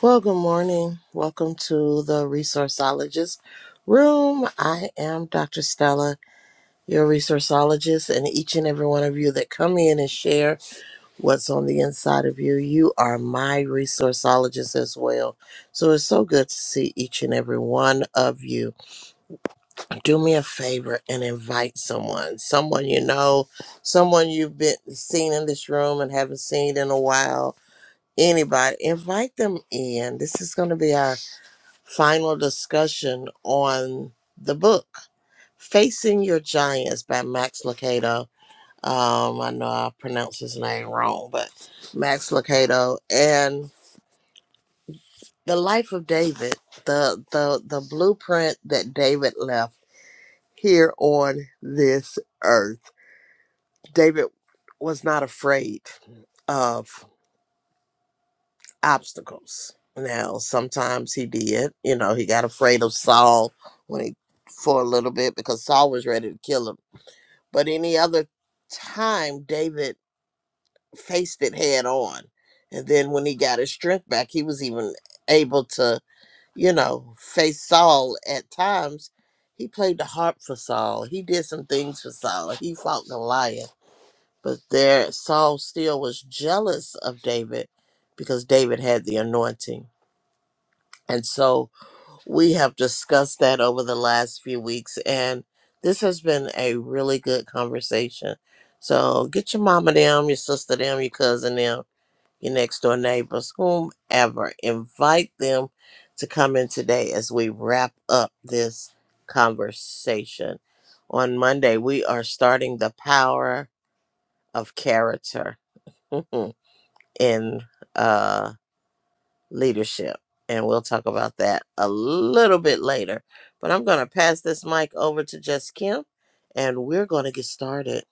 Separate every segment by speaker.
Speaker 1: Well, good morning. Welcome to the Resourceologist Room. I am Dr. Stella, your resourceologist, and each and every one of you that come in and share what's on the inside of you, you are my resourceologist as well. So it's so good to see each and every one of you. Do me a favor and invite someone, someone you know, someone you've been seen in this room and haven't seen in a while. Anybody, invite them in. This is going to be our final discussion on the book, Facing Your Giants by Max Lucado. Um, I know I pronounced his name wrong, but Max Lucado and The Life of David, the the the blueprint that David left here on this earth. David was not afraid of obstacles. Now, sometimes he did, you know, he got afraid of Saul when he for a little bit because Saul was ready to kill him But any other time, David faced it head on. And then when he got his strength back, he was even able to, you know, face Saul at times. He played the harp for Saul. He did some things for Saul. He fought Goliath. But there, Saul still was jealous of David because David had the anointing. And so we have discussed that over the last few weeks, and this has been a really good conversation. So get your mama them, your sister them, your cousin them, your next door neighbors, whomever. Invite them to come in today as we wrap up this conversation. On Monday, we are starting the power of character in uh leadership. And we'll talk about that a little bit later. But I'm going to pass this mic over to Just Kim and we're going to get started.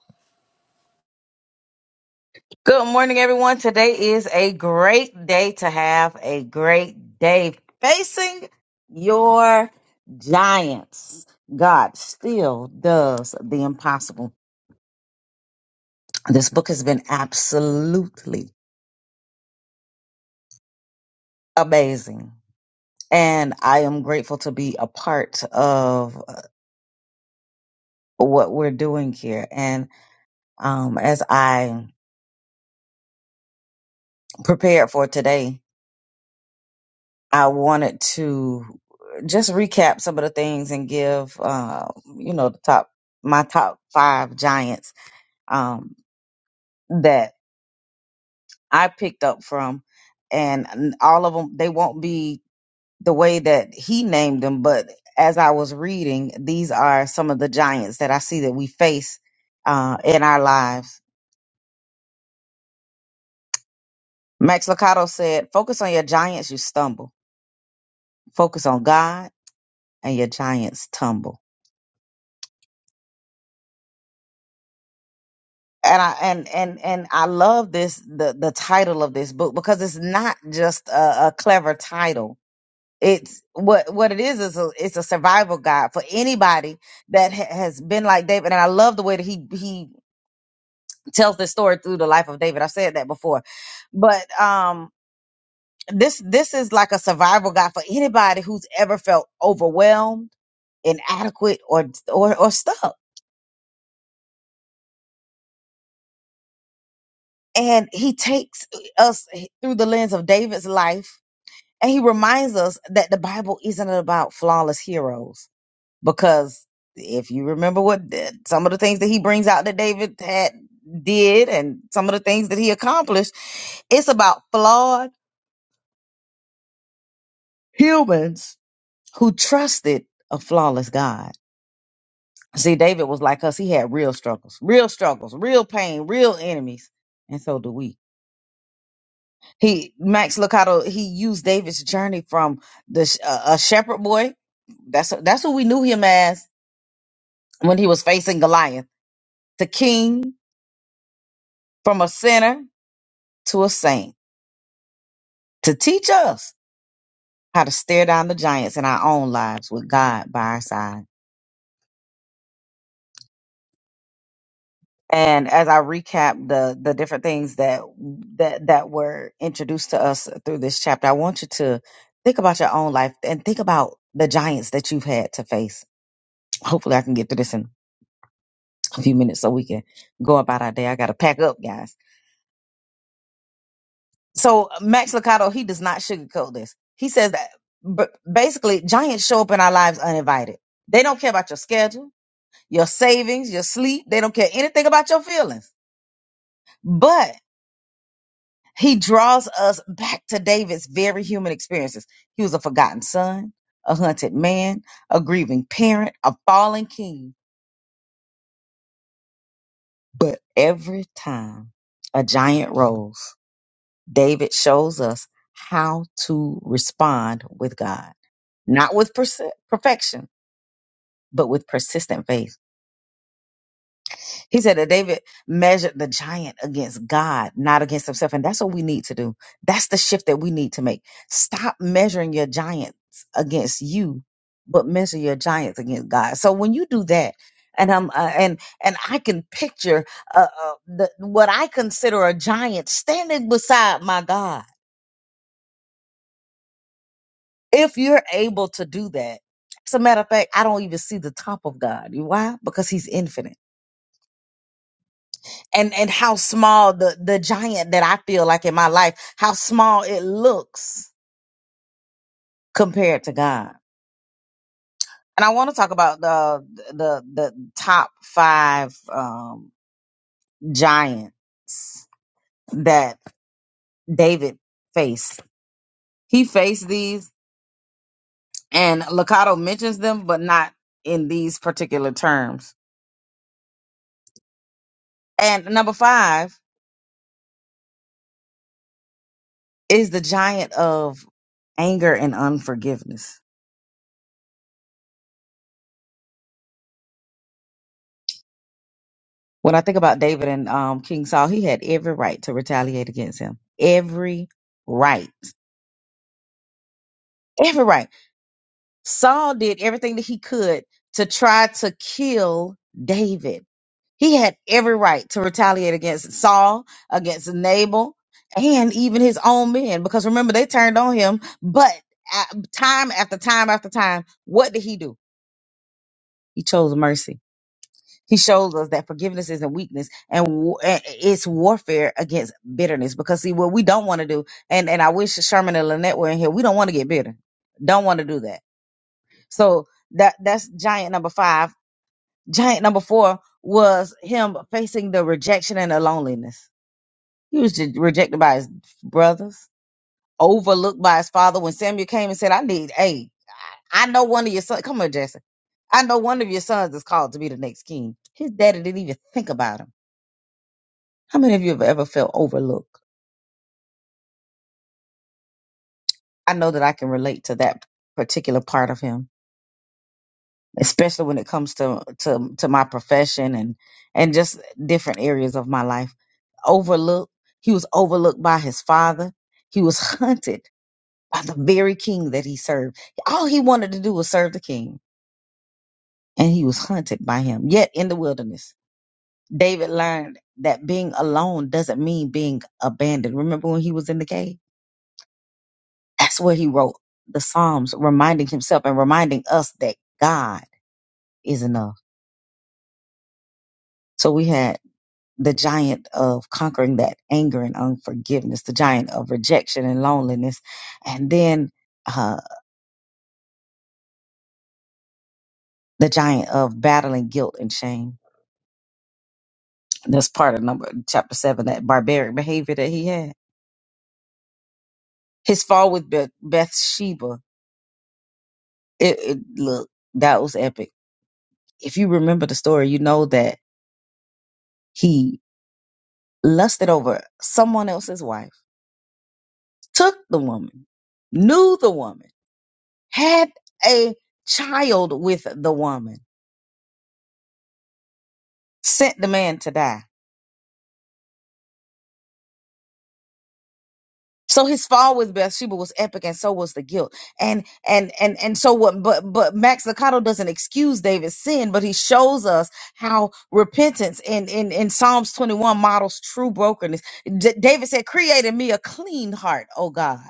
Speaker 2: Good morning, everyone. Today is a great day to have a great day facing your giants. God still does the impossible. This book has been absolutely amazing. And I am grateful to be a part of uh, what we're doing here. And um, as I prepared for today, I wanted to just recap some of the things and give, uh, you know, the top, my top five giants um, that I picked up from. And all of them, they won't be the way that he named them, but as I was reading, these are some of the giants that I see that we face uh, in our lives. Max Licato said, Focus on your giants, you stumble. Focus on God, and your giants tumble and I and and and I love this the the title of this book because it's not just a, a clever title. It's what what it is is a, it's a survival guide for anybody that ha- has been like David. And I love the way that he he tells this story through the life of David. I've said that before, but um this this is like a survival guide for anybody who's ever felt overwhelmed inadequate or or or stuck. And he takes us through the lens of David's life And he reminds us that the Bible isn't about flawless heroes because if you remember what the- some of the things that he brings out that David had did and some of the things that he accomplished, it's about flawed humans who trusted a flawless God. See, David was like us. He had real struggles, real struggles, real pain, real enemies. And so do we. He, Max Lucado, he used David's journey from the, sh- uh, a shepherd boy. That's, that's what we knew him as when he was facing Goliath, the king from a sinner to a saint, to teach us how to stare down the giants in our own lives with God by our side. And as I recap the the different things that that that were introduced to us through this chapter, I want you to think about your own life and think about the giants that you've had to face. Hopefully, I can get through this in a few minutes so we can go about our day. I got to pack up, guys. So Max Licato, he does not sugarcoat this. He says that but basically giants show up in our lives uninvited. They don't care about your schedule, your savings, your sleep. They don't care anything about your feelings. But he draws us back to David's very human experiences. He was a forgotten son, a hunted man, a grieving parent, a fallen king. But every time a giant rolls, David shows us how to respond with God. not with perse- perfection, but with persistent faith. He said that David measured the giant against God, not against himself. And that's what we need to do. That's the shift that we need to make. Stop measuring your giants against you, but measure your giants against God. So when you do that, and I'm uh, and and I can picture uh, uh, the, what I consider a giant standing beside my God. If you're able to do that, as a matter of fact, I don't even see the top of God. You why? Because He's infinite. and and how small the the giant that I feel like in my life, how small it looks compared to God. And I want to talk about the the the top five um, giants that David faced. He faced these, and Lakato mentions them, but not in these particular terms. And number five is the giant of anger and unforgiveness When I think about David and um, King Saul, he had every right to retaliate against him. Every right. Every right. Saul did everything that he could to try to kill David. He had every right to retaliate against Saul, against Nabal, and even his own men. Because remember, they turned on him. But uh, time after time after time, what did he do? He chose mercy He shows us that forgiveness isn't weakness and wa- and it's warfare against bitterness. Because see, what we don't want to do, and, and I wish Sherman and Lynette were in here. We don't want to get bitter. Don't want to do that. So that that's giant number five. Giant number four was him facing the rejection and the loneliness. He was just rejected by his brothers, overlooked by his father. When Samuel came and said, I need, hey, I know one of your sons. Come on, Jesse. I know one of your sons is called to be the next king. His daddy didn't even think about him How many of you have ever felt overlooked? I know that I can relate to that particular part of him, especially when it comes to to to my profession and and just different areas of my life. Overlooked. He was overlooked by his father. He was hunted by the very king that he served. All he wanted to do was serve the king, and he was hunted by him. Yet in the wilderness, David learned that being alone doesn't mean being abandoned. Remember when he was in the cave? That's where he wrote the Psalms, reminding himself and reminding us that God is enough. So we had the giant of conquering that anger and unforgiveness, the giant of rejection and loneliness, and then uh, the giant of battling guilt and shame. That's part of number chapter seven, that barbaric behavior that he had. His fall with Beth- Bathsheba, it, it look that was epic. If you remember the story, you know that he lusted over someone else's wife took the woman, knew the woman, had a child with the woman, sent the man to die. So his fall with Bathsheba was epic, and so was the guilt. And and and and so what? But but Max Licato doesn't excuse David's sin, but he shows us how repentance in in, in Psalms twenty one models true brokenness. D- David said, "Create in me a clean heart, O God,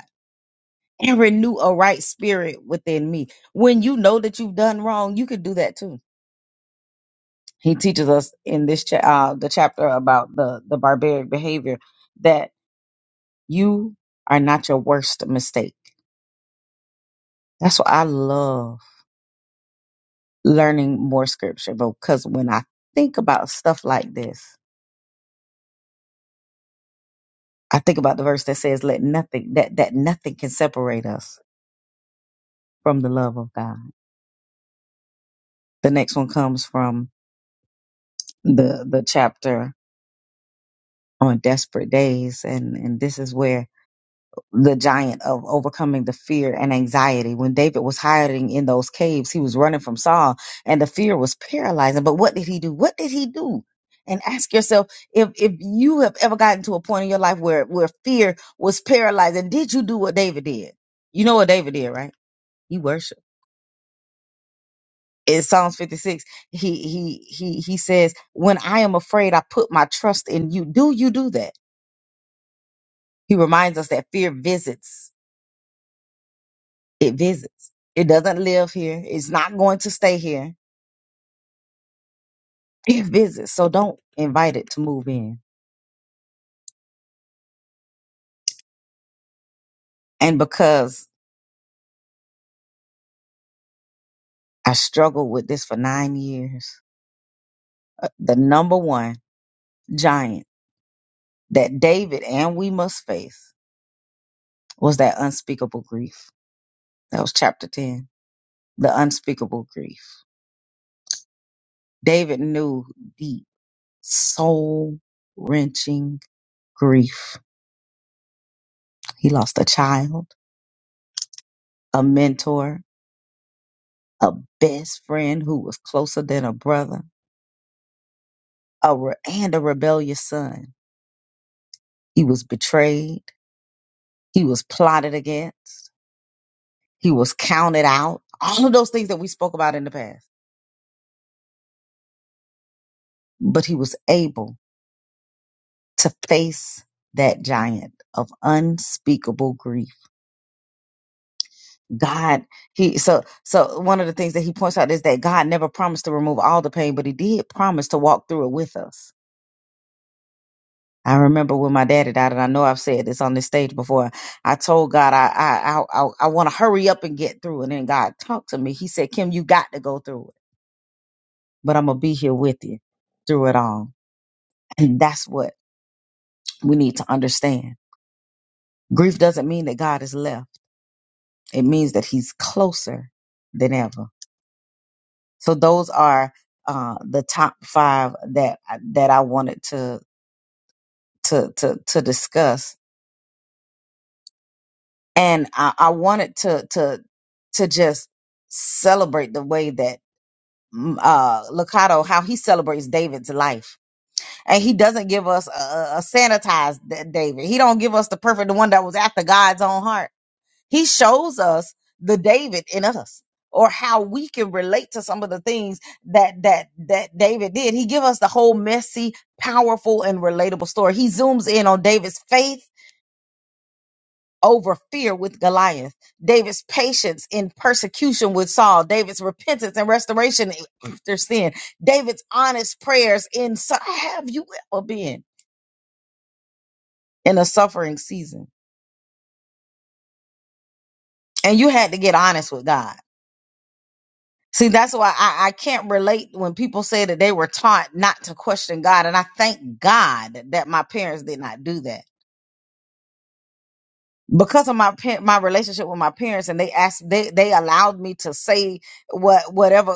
Speaker 2: and renew a right spirit within me." When you know that you've done wrong, you can do that too he teaches us in this cha- uh, the chapter about the the barbaric behavior that you are not your worst mistake. That's why I love learning more scripture because when I think about stuff like this, I think about the verse that says, "Let nothing that that nothing can separate us from the love of God." The next one comes from the the chapter on desperate days, and and this is where the giant of overcoming the fear and anxiety. When David was hiding in those caves, he was running from Saul and the fear was paralyzing. But what did he do? What did he do? And ask yourself if, if you have ever gotten to a point in your life where, where fear was paralyzing, did you do what David did? You know what David did, right? He worshiped. In Psalms 56, he he he he says, When I am afraid, I put my trust in you. Do you do that? He reminds us that fear visits It visits. It doesn't live here. It's not going to stay here. It visits. So don't invite it to move in. And because I struggled with this for nine years, uh, the number one giant that David and we must face was that unspeakable grief. That was chapter 10, the unspeakable grief. David knew deep, soul wrenching grief. He lost a child, a mentor, a best friend who was closer than a brother a re- and a rebellious son. He was betrayed. He was plotted against. He was counted out. All of those things that we spoke about in the past. But he was able to face that giant of unspeakable grief. God, he so so one of the things that he points out is that God never promised to remove all the pain, but he did promise to walk through it with us. I remember when my daddy died, and I know I've said this on this stage before. I told God I I I, I want to hurry up and get through, and then God talked to me. He said, "Kim, you got to go through it, but I'm gonna be here with you through it all." And that's what we need to understand. Grief doesn't mean that God is left; it means that He's closer than ever. So those are uh, the top five that that I wanted to to to to discuss and I, I wanted to to to just celebrate the way that mm, uh Lakato how he celebrates David's life, and he doesn't give us a, a a sanitized Da- David. He don't give us the perfect the one that was after God's own heart. He shows us the David in us, or how we can relate to some of the things that that that David did. He give us the whole messy, powerful, and relatable story. He zooms in on David's faith over fear with Goliath. David's patience in persecution with Saul, David's repentance and restoration after sin, David's honest prayers in su- have you ever been in a suffering season? And you had to get honest with God. See, that's why I, I can't relate when people say that they were taught not to question God. And I thank God that my parents did not do that. Because of my pa- my relationship with my parents, and they asked, they they allowed me to say what whatever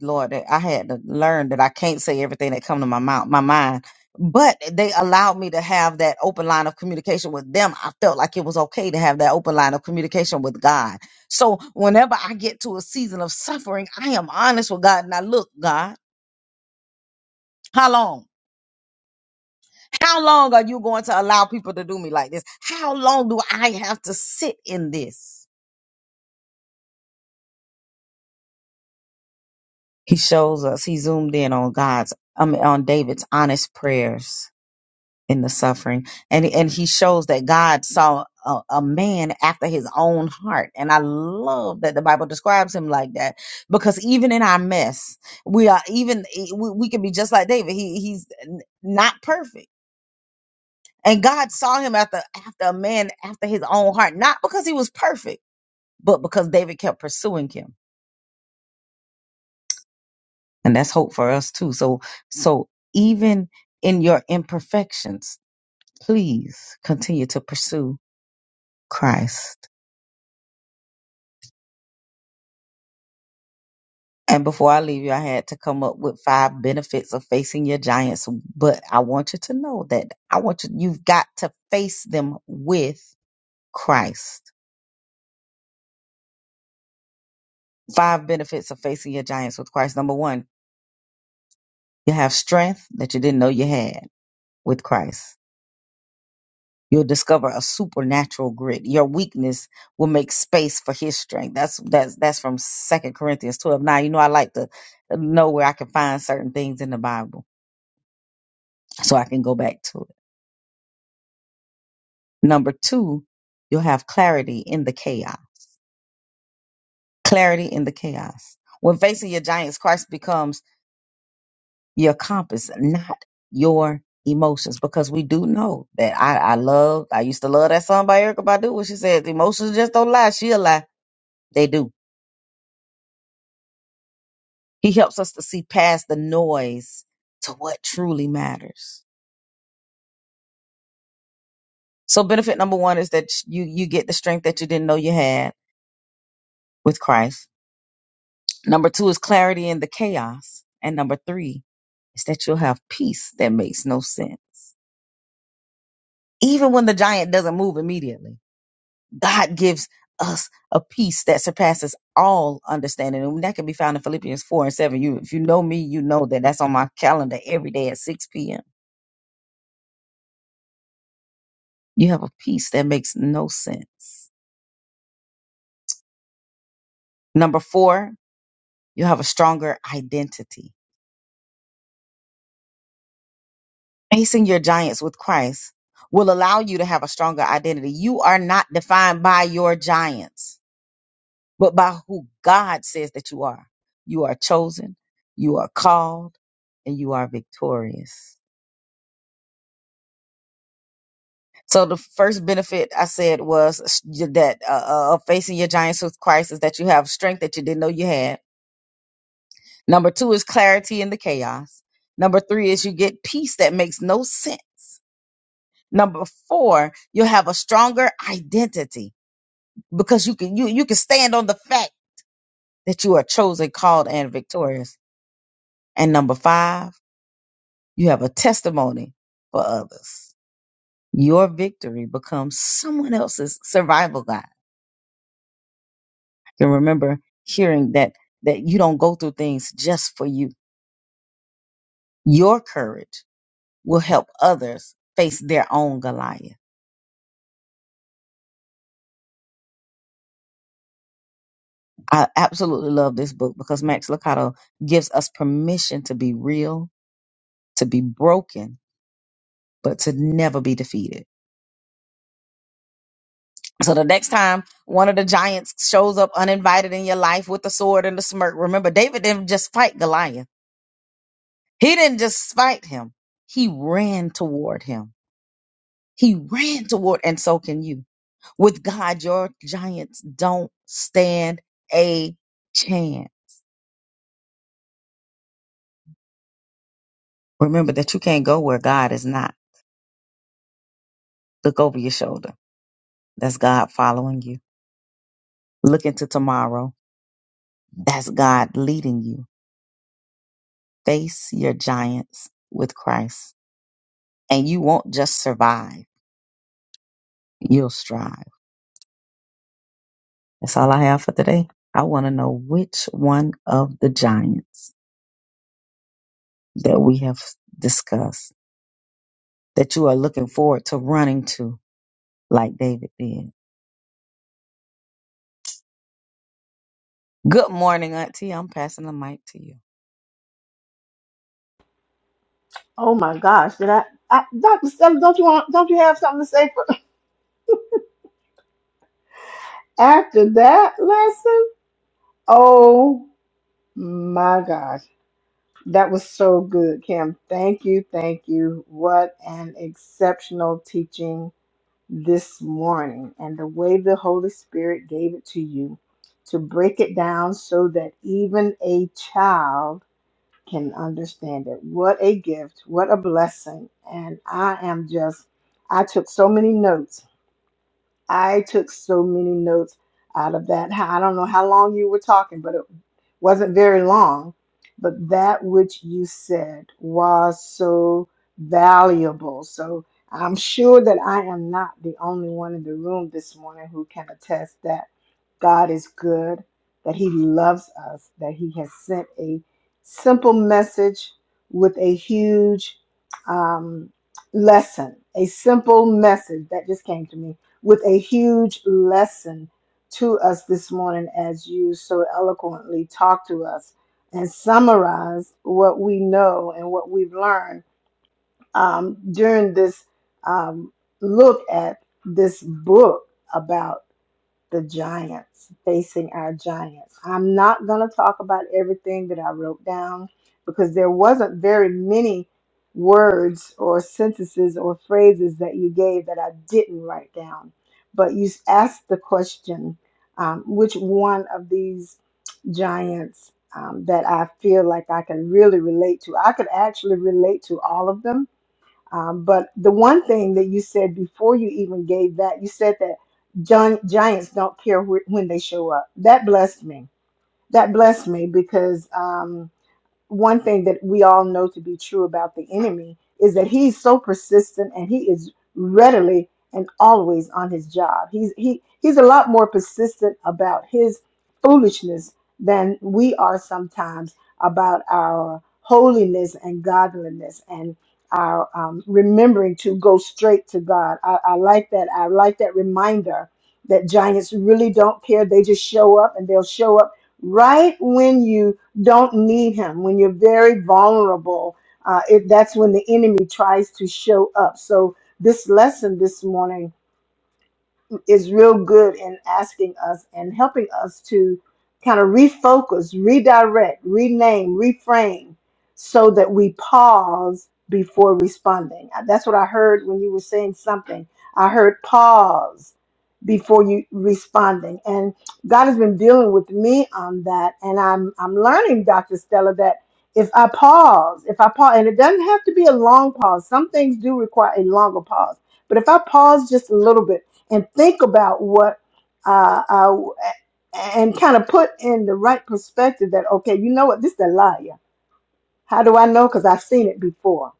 Speaker 2: Lord, that I had to learn that I can't say everything that come to my mouth, my mind. But they allowed me to have that open line of communication with them. I felt like it was okay to have that open line of communication with God. So whenever I get to a season of suffering, I am honest with God. Now look, God, how long? How long are you going to allow people to do me like this? How long do I have to sit in this? He shows us, he zoomed in on God's, I mean, on David's honest prayers in the suffering and and he shows that god saw a, a man after his own heart and i love that the bible describes him like that because even in our mess we are even e, we, we can be just like david he he's n- not perfect and god saw him after after a man after his own heart not because he was perfect but because david kept pursuing him and that's hope for us too so so even in your imperfections please continue to pursue christ And before I leave you, I had to come up with five benefits of facing your giants. But I want you to know that I want you, you've got to face them with Christ. Five benefits of facing your giants with Christ. Number one, you have strength that you didn't know you had with Christ. You'll discover a supernatural grit. Your weakness will make space for his strength. That's that's that's from Second Corinthians 12. Now, you know I like to know where I can find certain things in the Bible so I can go back to it Number two, you'll have clarity in the chaos. Clarity in the chaos. When facing your giants, Christ becomes your compass, not your emotions. Because we do know that I, I love, I used to love that song by Erica Badu when she said, emotions just don't lie. She'll lie. They do. He helps us to see past the noise to what truly matters. So benefit number one is that you, you get the strength that you didn't know you had with Christ. Number two is clarity in the chaos. And number three is that you'll have peace that makes no sense. Even when the giant doesn't move immediately, God gives us a peace that surpasses all understanding. And that can be found in Philippians 4 and 7. You, if you know me, you know that that's on my calendar every day at 6 p.m. You have a peace that makes no sense. Number four, you have a stronger identity. Facing your giants with Christ will allow you to have a stronger identity. You are not defined by your giants but by who God says that you are. You are chosen, you are called, and you are victorious. So the first benefit I said was that uh, uh, of facing your giants with Christ is that you have strength that you didn't know you had. Number two is clarity in the chaos. Number three is you get peace that makes no sense. Number four, you'll have a stronger identity because you can you you can stand on the fact that you are chosen, called, and victorious. And number five You have a testimony for others. Your victory becomes someone else's survival guide. Can remember hearing that that you don't go through things just for you. Your courage will help others face their own Goliath. I absolutely love this book because Max Lucado gives us permission to be real, to be broken, but to never be defeated. So the next time one of the giants shows up uninvited in your life with the sword and the smirk, remember David didn't just fight Goliath. He didn't just spite him. He ran toward him. He ran toward, and so can you. With God, your giants don't stand a chance. Remember that you can't go where God is not. Look over your shoulder. That's God following you. Look into tomorrow. That's God leading you. Face your giants with Christ. And you won't just survive, you'll strive. That's all I have for today. I want to know which one of the giants that we have discussed that you are looking forward to running to like David did. Good morning, Auntie. I'm passing the mic to you.
Speaker 3: Oh my gosh, did I, I Dr. Stella, don't you want don't you have something to say for after that lesson? Oh my gosh. That was so good, Kim. Thank you, thank you. What an exceptional teaching this morning and the way the Holy Spirit gave it to you to break it down so that even a child can understand it. What a gift, what a blessing. And I am just I took so many notes I took so many notes out of that. I don't know how long you were talking, but it wasn't very long. But that which you said was so valuable. So I'm sure that I am not the only one in the room this morning who can attest that God is good, that He loves us, that He has sent a simple message with a huge um, lesson, a simple message that just came to me with a huge lesson to us this morning as you so eloquently talk to us and summarize what we know and what we've learned um, during this um, look at this book about the giants, facing our giants. I'm not going to talk about everything that I wrote down because there wasn't very many words or sentences or phrases that you gave that I didn't write down. But you asked the question um, which one of these giants um, that I feel like I can really relate to? I could actually relate to all of them um, but the one thing that you said before you even gave that, you said that John, giants don't care wh- when they show up. That blessed me. That blessed me because. um, one thing that we all know to be true about the enemy is that he's so persistent and he is readily and always on his job. He's he he's a lot more persistent about his foolishness than we are sometimes about our holiness and godliness and our um, remembering to go straight to God. I, I like that. I like that reminder that giants really don't care. They just show up and they'll show up right when you don't need him when you're very vulnerable uh, it, that's when the enemy tries to show up so this lesson this morning is real good in asking us and helping us to kind of refocus, redirect, rename, reframe so that we pause before responding. Uh, That's what I heard when you were saying something. I heard pause before you responding. And God has been dealing with me on that. And I'm I'm learning, Dr. Stella, that if I pause, if I pause, and it doesn't have to be a long pause. Some things do require a longer pause. But if I pause just a little bit and think about what uh, uh, and kind of put in the right perspective that okay, you know what, this is a liar. How do I know? Because I've seen it before.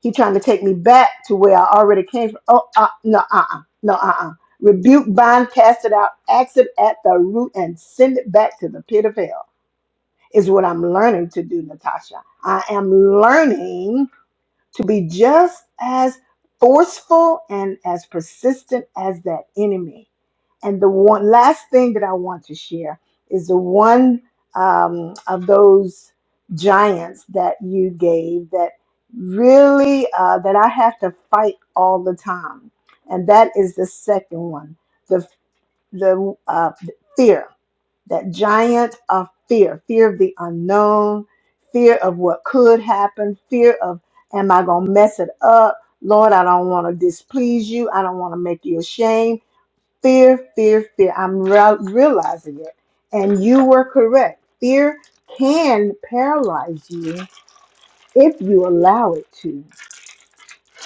Speaker 3: He trying to take me back to where I already came from. Oh, uh, no, uh, uh no, uh, uh Rebuke, bind, cast it out, axe it at the root, and send it back to the pit of hell. Is what I'm learning to do, Natasha. I am learning to be just as forceful and as persistent as that enemy. And the one last thing that I want to share is the one um, of those giants that you gave that really uh, that I have to fight all the time, and that is the second one, the the uh, fear that giant of fear fear of the unknown, fear of what could happen, fear of, am I going to mess it up? Lord, I don't want to displease you. I don't want to make you ashamed. Fear, fear, fear. I'm re- realizing it. And you were correct. Fear can paralyze you if you allow it to.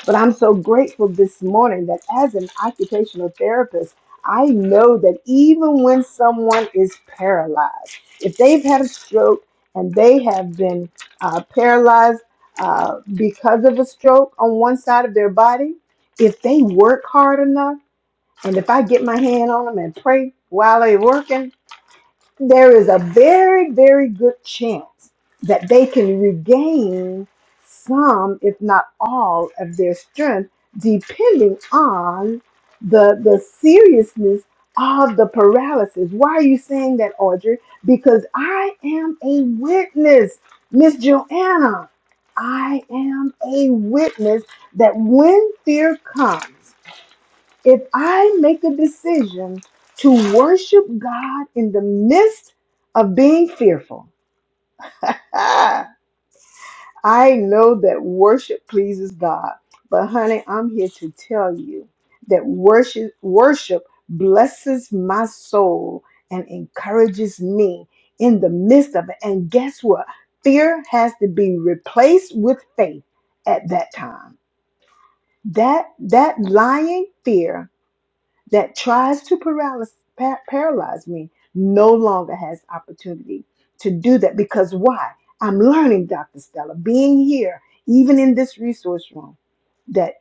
Speaker 3: But I'm so grateful this morning that as an occupational therapist, I know that even when someone is paralyzed, if they've had a stroke and they have been uh, paralyzed uh, because of a stroke on one side of their body, if they work hard enough, and if I get my hand on them and pray while they're working, there is a very, very good chance that they can regain some, if not all, of their strength, depending on the the seriousness of the paralysis. Why are you saying that, Audrey? Because I am a witness, Miss Joanna. I am a witness that when fear comes. If I make a decision to worship God in the midst of being fearful, ah, I know that worship pleases God. But honey, I'm here to tell you that worship worship blesses my soul and encourages me in the midst of it. And guess what? Fear has to be replaced with faith at that time. That that lying fear that tries to paralyze, pa- paralyze me no longer has opportunity to do that because why? I'm learning, Dr. Stella, being here, even in this resource room, that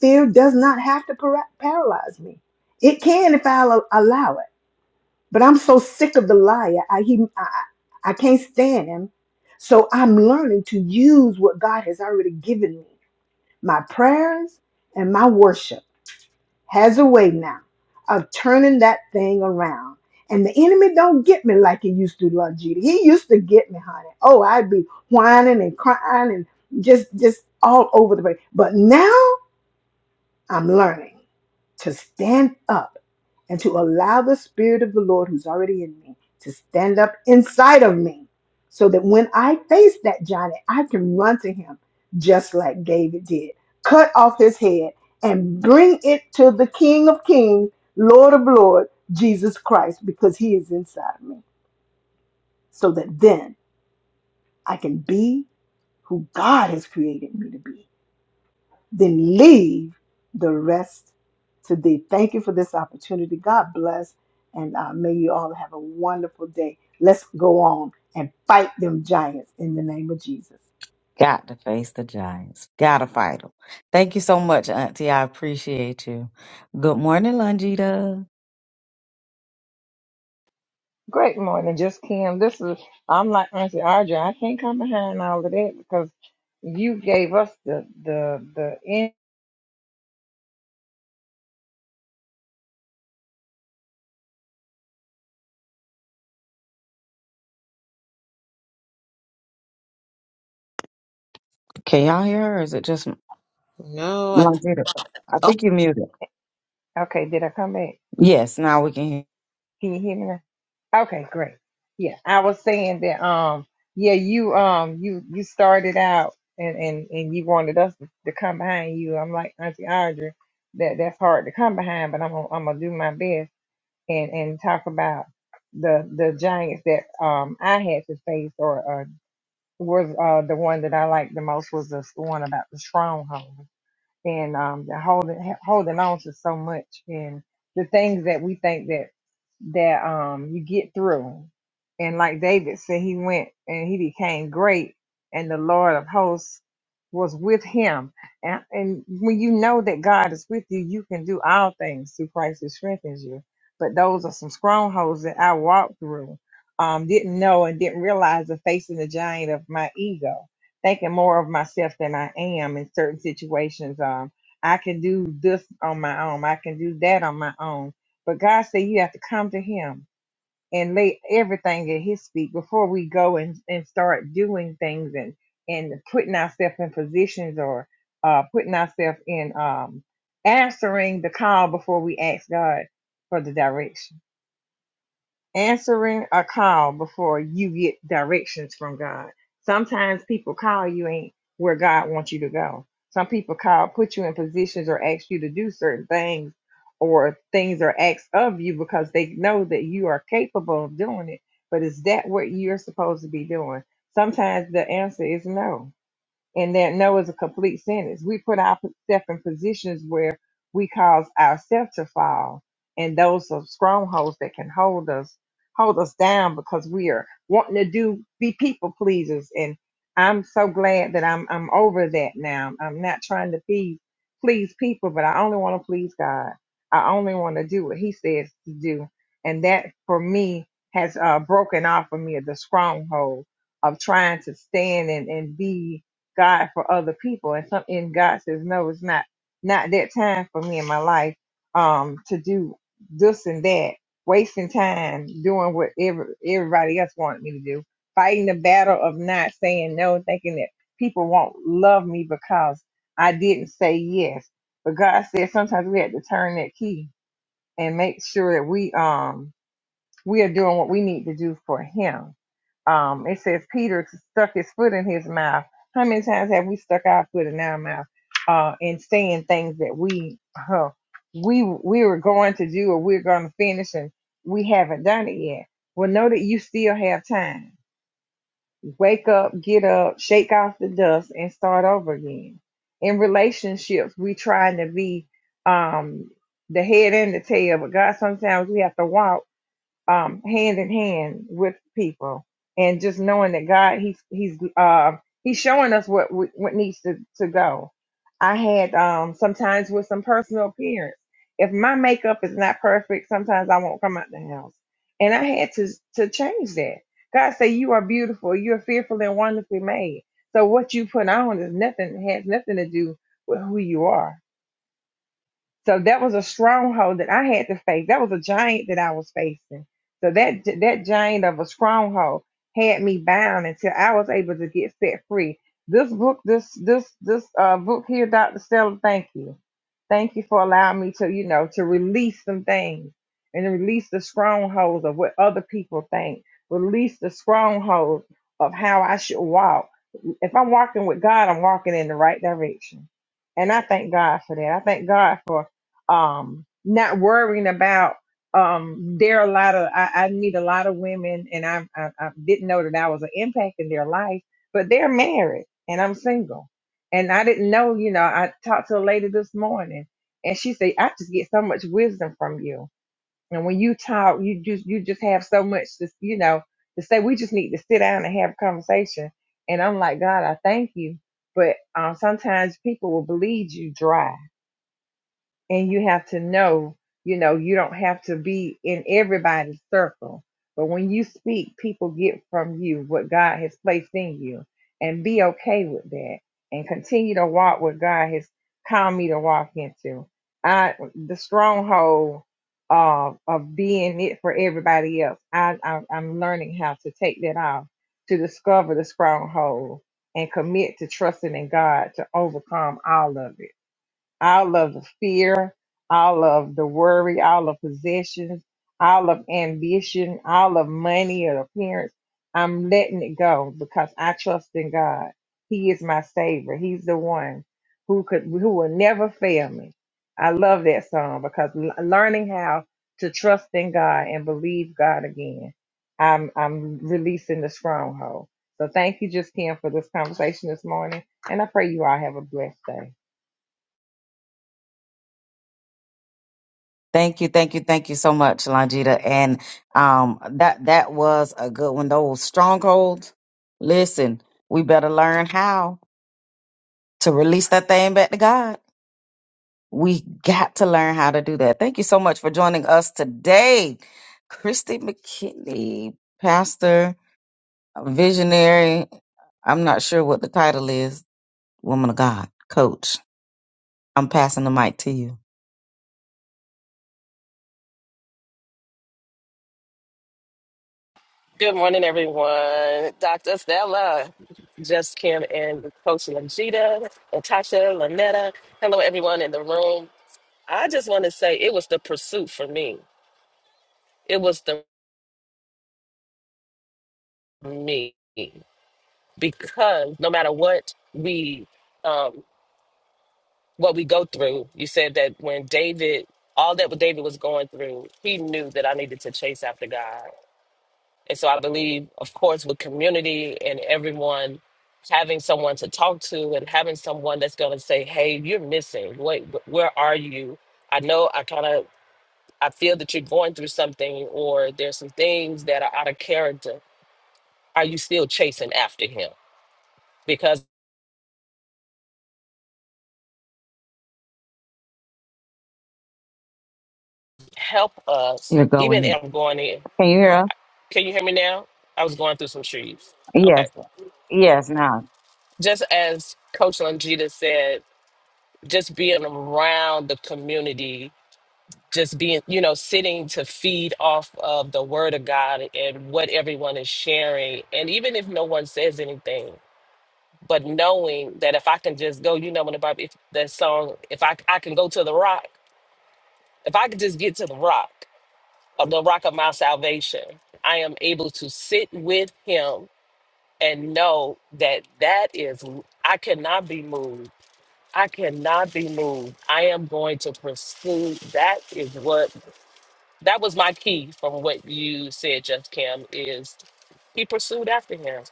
Speaker 3: fear does not have to para- paralyze me. It can if I'll al- allow it. But I'm so sick of the liar. I, he, I, I I can't stand him. So I'm learning to use what God has already given me my prayers and my worship has a way now of turning that thing around. And the enemy don't get me like he used to, Lord Judy. He used to get me, honey. Oh, I'd be whining and crying and just just all over the place. But now I'm learning to stand up and to allow the Spirit of the Lord who's already in me to stand up inside of me so that when I face that giant, I can run to him just like David did, cut off his head and bring it to the King of Kings, Lord of Lords, Jesus Christ, because he is inside of me, so that then I can be who God has created me to be then leave the rest to thee. Thank you for this opportunity. God bless, and uh, may you all have a wonderful day. Let's go on and fight them giants in the name of Jesus.
Speaker 2: Got to face the giants. Got to fight them. Thank you so much, Auntie. I appreciate you. Good morning, Longita.
Speaker 4: Great morning, just Kim. This is I'm like Auntie Audrey. I can't come behind all of that because you gave us the the the in.
Speaker 2: Can y'all hear her? Or is it just
Speaker 1: No, I, th-
Speaker 2: Longita? I
Speaker 1: oh,
Speaker 2: think you're muted.
Speaker 4: Okay, did I come back?
Speaker 2: Yes, now we can hear.
Speaker 4: Can you hear me now? Okay, great. Yeah, I was saying that. Um, yeah, you um you you started out and and and you wanted us to, to come behind you. I'm like Auntie Audrey. That that's hard to come behind, but I'm gonna, I'm gonna do my best and and talk about the the giants that um I had to face or was uh, the one that I liked the most was the one about the stronghold and um, the holding holding on to so much, and the things that we think that that um you get through. And like David said, he went and he became great, and the Lord of hosts was with him. And, and when you know that God is with you, you can do all things through Christ who strengthens you. But those are some strongholds that I walked through, um, didn't know and didn't realize the facing the giant of my ego thinking more of myself than I am in certain situations. Um, I can do this on my own. I can do that on my own. But God said you have to come to Him and lay everything at His feet before we go and, and start doing things and and putting ourselves in positions or uh, putting ourselves in um, answering the call before we ask God for the direction answering a call before you get directions from God. Sometimes people call you ain't where God wants you to go. Some people call, put you in positions or ask you to do certain things or things are asked of you because they know that you are capable of doing it. But is that what you're supposed to be doing? Sometimes the answer is no and that no is a complete sentence. We put ourselves in positions where we cause ourselves to fall, and those are strongholds that can hold us hold us down because we are wanting to do be people pleasers. And I'm so glad that I'm I'm over that now. I'm not trying to be please people, but I only want to please God. I only want to do what He says to do, and that for me has uh, broken off of me the stronghold of trying to stand and, and be God for other people. And some and God says, No, it's not not that time for me in my life um to do this and that, wasting time doing what every, everybody else wanted me to do, fighting the battle of not saying no, thinking that people won't love me because I didn't say yes. But God said sometimes we have to turn that key and make sure that we um we are doing what we need to do for him um, it says Peter stuck his foot in his mouth. How many times have we stuck our foot in our mouth uh, and saying things that we huh, we we were going to do or we're going to finish and we haven't done it yet? Well, know that you still have time. Wake up, get up, shake off the dust, and start over again. In relationships, we trying to be um, the head and the tail, but God, sometimes we have to walk um, hand in hand with people and just knowing that God, he's, he's, uh, he's showing us what, we- what needs to, to go. I had, um, sometimes with some personal appearance, if my makeup is not perfect, sometimes I won't come out the house and I had to, to change that. God say, you are beautiful. You're fearfully and wonderfully made. So what you put on is nothing, has nothing to do with who you are so that was a stronghold that I had to face. That was a giant that I was facing. So that that giant of a stronghold had me bound until I was able to get set free. This book, this this this uh, book here, Doctor Stella, thank you Thank you for allowing me to, you know, to release some things and to release the strongholds of what other people think, release the strongholds of how I should walk. If I'm walking with God, I'm walking in the right direction. And I thank God for that. I thank God for um, not worrying about um, there are a lot of I, I meet a lot of women and I, I I didn't know that I was an impact in their life, but they're married and I'm single and I didn't know, you know, I talked to a lady this morning and she said, I just get so much wisdom from you. And when you talk, you just you just have so much to you know, to say we just need to sit down and have a conversation. And I'm like, God, I thank you. But um, sometimes people will believe you dry and you have to know you know you don't have to be in everybody's circle but when you speak people get from you what god has placed in you and be okay with that and continue to walk what god has called me to walk into i the stronghold of of being it for everybody else I, I i'm learning how to take that off to discover the stronghold and commit to trusting in god to overcome all of it all of the fear, all of the worry, all of possessions, all of ambition, all of money or appearance. I'm letting it go because I trust in God. He is my savior. He's the one who could who will never fail me. I love that song because l- learning how to trust in God and believe God again. I'm I'm releasing the stronghold. So thank you, Just Kim, for this conversation this morning. And I pray you all have a blessed day.
Speaker 2: Thank you, thank you, thank you so much, Longita. And um, that that was a good one. Those strongholds. Listen, we better learn how. to release that thing back to God. We got to learn how to do that. Thank you so much for joining us today, Christy McKinney, pastor, visionary. I'm not sure what the title is, woman of God, coach. I'm passing the mic to you.
Speaker 5: Good morning, everyone. Dr. Stella just came in with Coach Langita, Natasha, Lanetta. Hello, everyone in the room. I just want to say it was the pursuit for me. It was the me because no matter what we um, what we go through, you said that when David, all that David was going through, he knew that I needed to chase after God. And so I believe, of course, with community and everyone having someone to talk to and having someone that's going to say, "Hey, you're missing. Wait, wh- where are you? I know I kind of I feel that you're going through something or there's some things that are out of character. Are you still chasing after him? Because help us
Speaker 2: You're
Speaker 5: even
Speaker 2: going.
Speaker 5: if I'm going in.
Speaker 2: Can you hear us?
Speaker 5: Can you hear me now? I was going through some trees. Okay.
Speaker 2: Yes. Yes, now.
Speaker 5: Just as Coach Longita said, just being around the community just being, you know, sitting to feed off of the word of God and what everyone is sharing. And even if no one says anything, but knowing that if I can just go, you know, when the Bible, if that song, if I, I can go to the rock, if I could just get to the rock of the rock of my salvation, I am able to sit with him and know that that is, I cannot be moved. I cannot be moved. I am going to pursue. That is what That was my key from what you said, Jeff Kim, is he pursued after him.